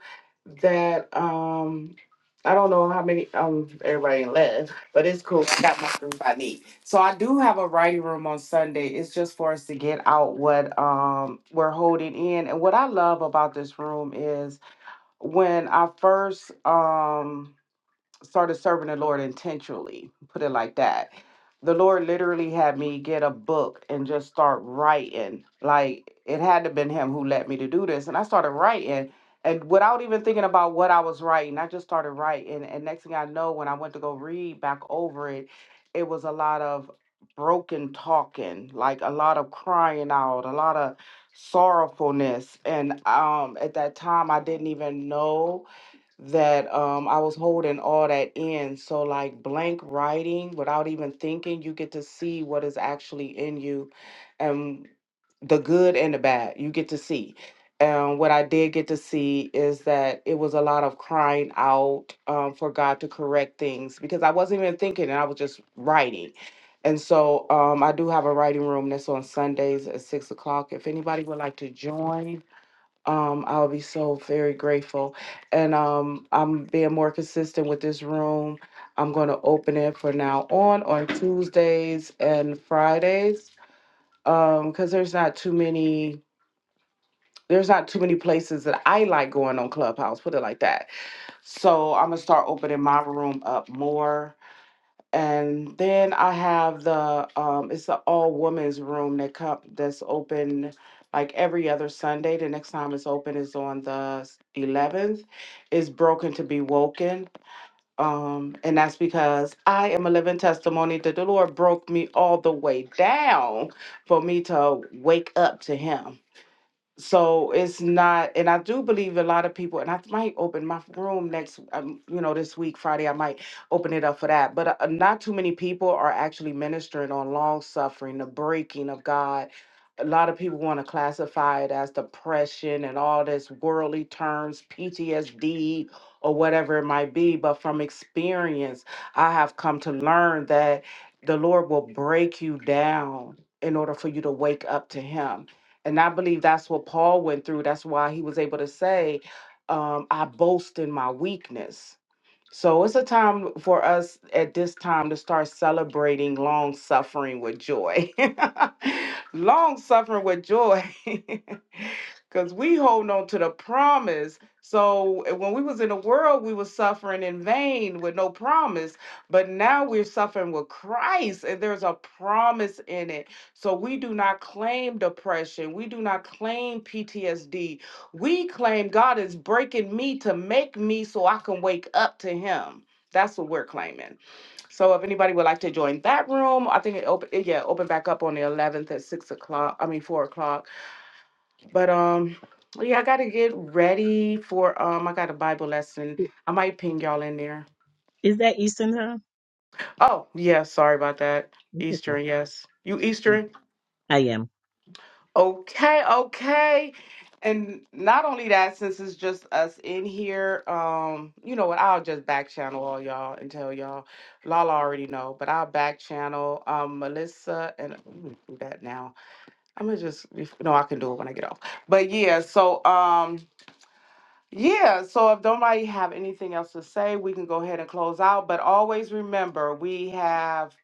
A: that um I don't know how many um everybody left, but it's cool. I got my group I need. So I do have a writing room on Sunday. It's just for us to get out what um we're holding in. And what I love about this room is when I first um started serving the Lord intentionally, put it like that. The Lord literally had me get a book and just start writing. Like it had to been him who led me to do this. And I started writing and without even thinking about what I was writing, I just started writing. And next thing I know, when I went to go read back over it, it was a lot of broken talking, like a lot of crying out, a lot of sorrowfulness. And um at that time I didn't even know that um, I was holding all that in. So, like blank writing without even thinking, you get to see what is actually in you and the good and the bad. You get to see. And what I did get to see is that it was a lot of crying out um, for God to correct things because I wasn't even thinking and I was just writing. And so um, I do have a writing room that's on Sundays at six o'clock. If anybody would like to join, um, I'll be so very grateful. And um, I'm being more consistent with this room. I'm going to open it for now on on Tuesdays and Fridays um, because there's not too many. There's not too many places that I like going on Clubhouse, put it like that. So I'm gonna start opening my room up more and then I have the um it's the all women's room that come that's open like every other Sunday. The next time it's open is on the eleventh. It's broken to be woken. Um, and that's because I am a living testimony that the Lord broke me all the way down for me to wake up to Him so it's not and i do believe a lot of people and i might open my room next um, you know this week friday i might open it up for that but uh, not too many people are actually ministering on long suffering the breaking of god a lot of people want to classify it as depression and all this worldly terms ptsd or whatever it might be but from experience i have come to learn that the lord will break you down in order for you to wake up to him and I believe that's what Paul went through. That's why he was able to say, um, I boast in my weakness so it's a time for us at this time to start celebrating long suffering with joy. [LAUGHS] long suffering with joy. [LAUGHS] Because we hold on to the promise. So uh, when we was in the world, we were suffering in vain with no promise. But now we're suffering with Christ, and there's a promise in it. So we do not claim depression. We do not claim PTSD. We claim God is breaking me to make me so I can wake up to Him. That's what we're claiming. So if anybody would like to join that room, I think it open it- yeah, open back up on the eleventh at six o'clock. I mean four o'clock. But um yeah, I gotta get ready for um I got a Bible lesson. I might ping y'all in there.
G: is that eastern time
A: Oh yeah, sorry about that.
G: It's okay.
A: Eastern, yes. You Eastern?
G: i am
A: Okay, okay. And not only that, since it's just us in here, um, you know what, I'll just back channel all y'all and tell y'all. Lala already know, but I'll back channel um Melissa and I'm gonna do that now. I'm gonna just no, I can do it when I get off. But yeah, so um yeah, so if nobody have anything else to say, we can go ahead and close out. But always remember we have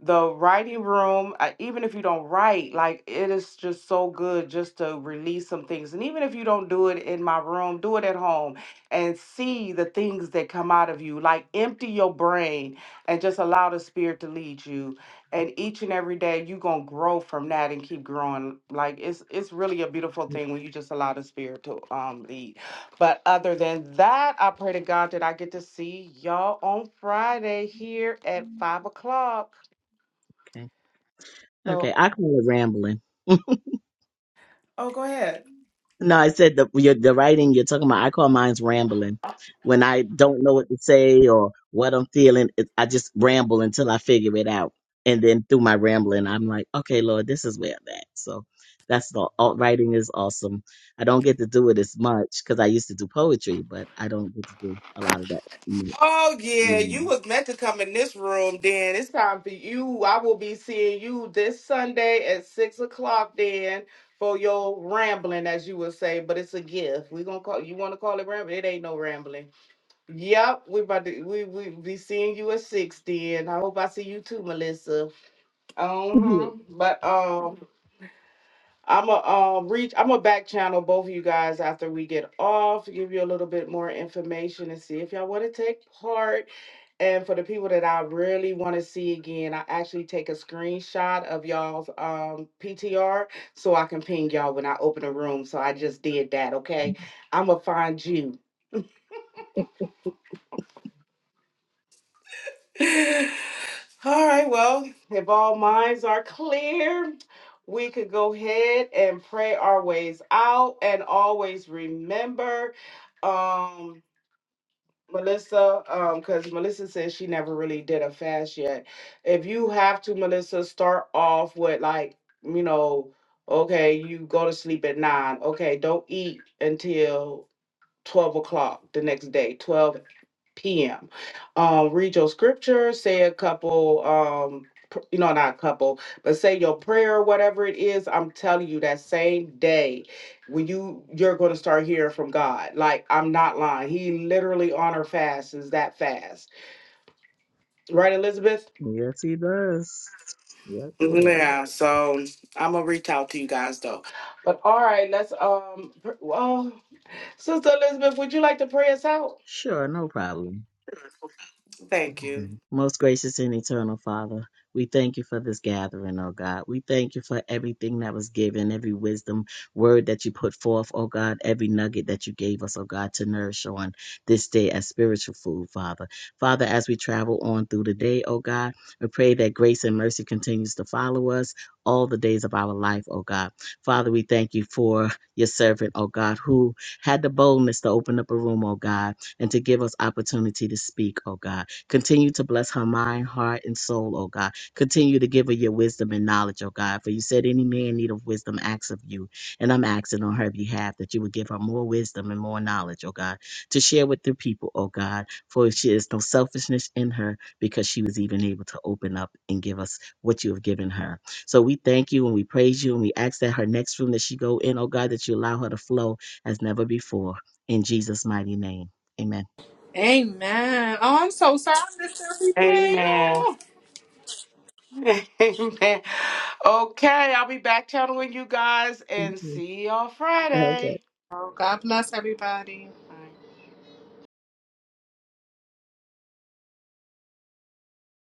A: the writing room uh, even if you don't write like it is just so good just to release some things and even if you don't do it in my room do it at home and see the things that come out of you like empty your brain and just allow the spirit to lead you and each and every day you're going to grow from that and keep growing like it's it's really a beautiful thing when you just allow the spirit to um lead but other than that i pray to god that i get to see y'all on friday here at five o'clock
G: okay
A: so,
G: Okay, I call it rambling.
A: oh, go ahead.
G: No, I said the your, the writing you're talking about. I call mine's rambling. When I don't know what to say or what I'm feeling, it, I just ramble until I figure it out, and then through my rambling, I'm like, okay, Lord, this is where I'm at. So that's the alt writing is awesome. I don't get to do it as much because I used to do poetry, but I don't get to do a lot of that. Mm,
A: Oh yeah, you
G: mm.
A: was meant to come in this room, Dan. It's time for you. I will be seeing you this Sunday at six o'clock, Dan, for your rambling, as you would say. But it's a gift. We gonna call you want to call it rambling? It ain't no rambling. Yep, we about to we we be seeing you at six, Dan. I hope I see you too, Melissa. Uh huh. But um. I'm a um reach. I'm a back channel both of you guys after we get off. Give you a little bit more information and see if y'all want to take part. And for the people that I really want to see again, I actually take a screenshot of y'all's um PTR so I can ping y'all when I open a room. So I just did that. Okay, I'm gonna find you. All right. Well, if all minds are clear, we could go ahead and pray our ways out. And always remember. Um Melissa, um, because Melissa says she never really did a fast yet. If you have to, Melissa, start off with like, you know, okay, you go to sleep at nine. Okay, don't eat until twelve o'clock the next day, 12, p.m. Uh, read your scripture, say a couple, um, pr- you know, not a couple, but say your prayer, whatever it is. I'm telling you, that same day, when you you're going to start hearing from God. Like I'm not lying. He literally on her fast is that fast, right, Elizabeth?
G: Yes, he does. Yes, he does.
A: Yeah. So I'm gonna reach out to you guys though. But all right, let's um. pr- Well, Sister Elizabeth, would you like to pray us out?
G: Sure, no problem.
A: Thank you.
G: Mm-hmm. Most gracious and eternal Father, we thank you for this gathering, oh God. We thank you for everything that was given, every wisdom word that you put forth, oh God, every nugget that you gave us, oh God, to nourish on this day as spiritual food, Father. Father, as we travel on through the day, oh God, we pray that grace and mercy continues to follow us all the days of our life, oh God. Father, we thank you for your servant, oh God, who had the boldness to open up a room, oh God, and to give us opportunity to speak, oh God. Continue to bless her mind, heart, and soul, oh God. Continue to give her your wisdom and knowledge, oh God. For you said any man in need of wisdom acts of you. And I'm asking on her behalf that you would give her more wisdom and more knowledge, oh God, to share with the people, oh God. For she is no selfishness in her because she was even able to open up and give us what you have given her. So we thank you and we praise you and we ask that her next room that she go in, oh God, that you allow her to flow as never before. In Jesus' mighty name. Amen.
B: Amen. Oh, I'm so sorry I missed everything.
A: Amen.
B: Oh,
A: [LAUGHS] Amen. Okay, I'll be back channeling you guys and see y'all Friday.
B: oh God bless everybody.
A: Bye.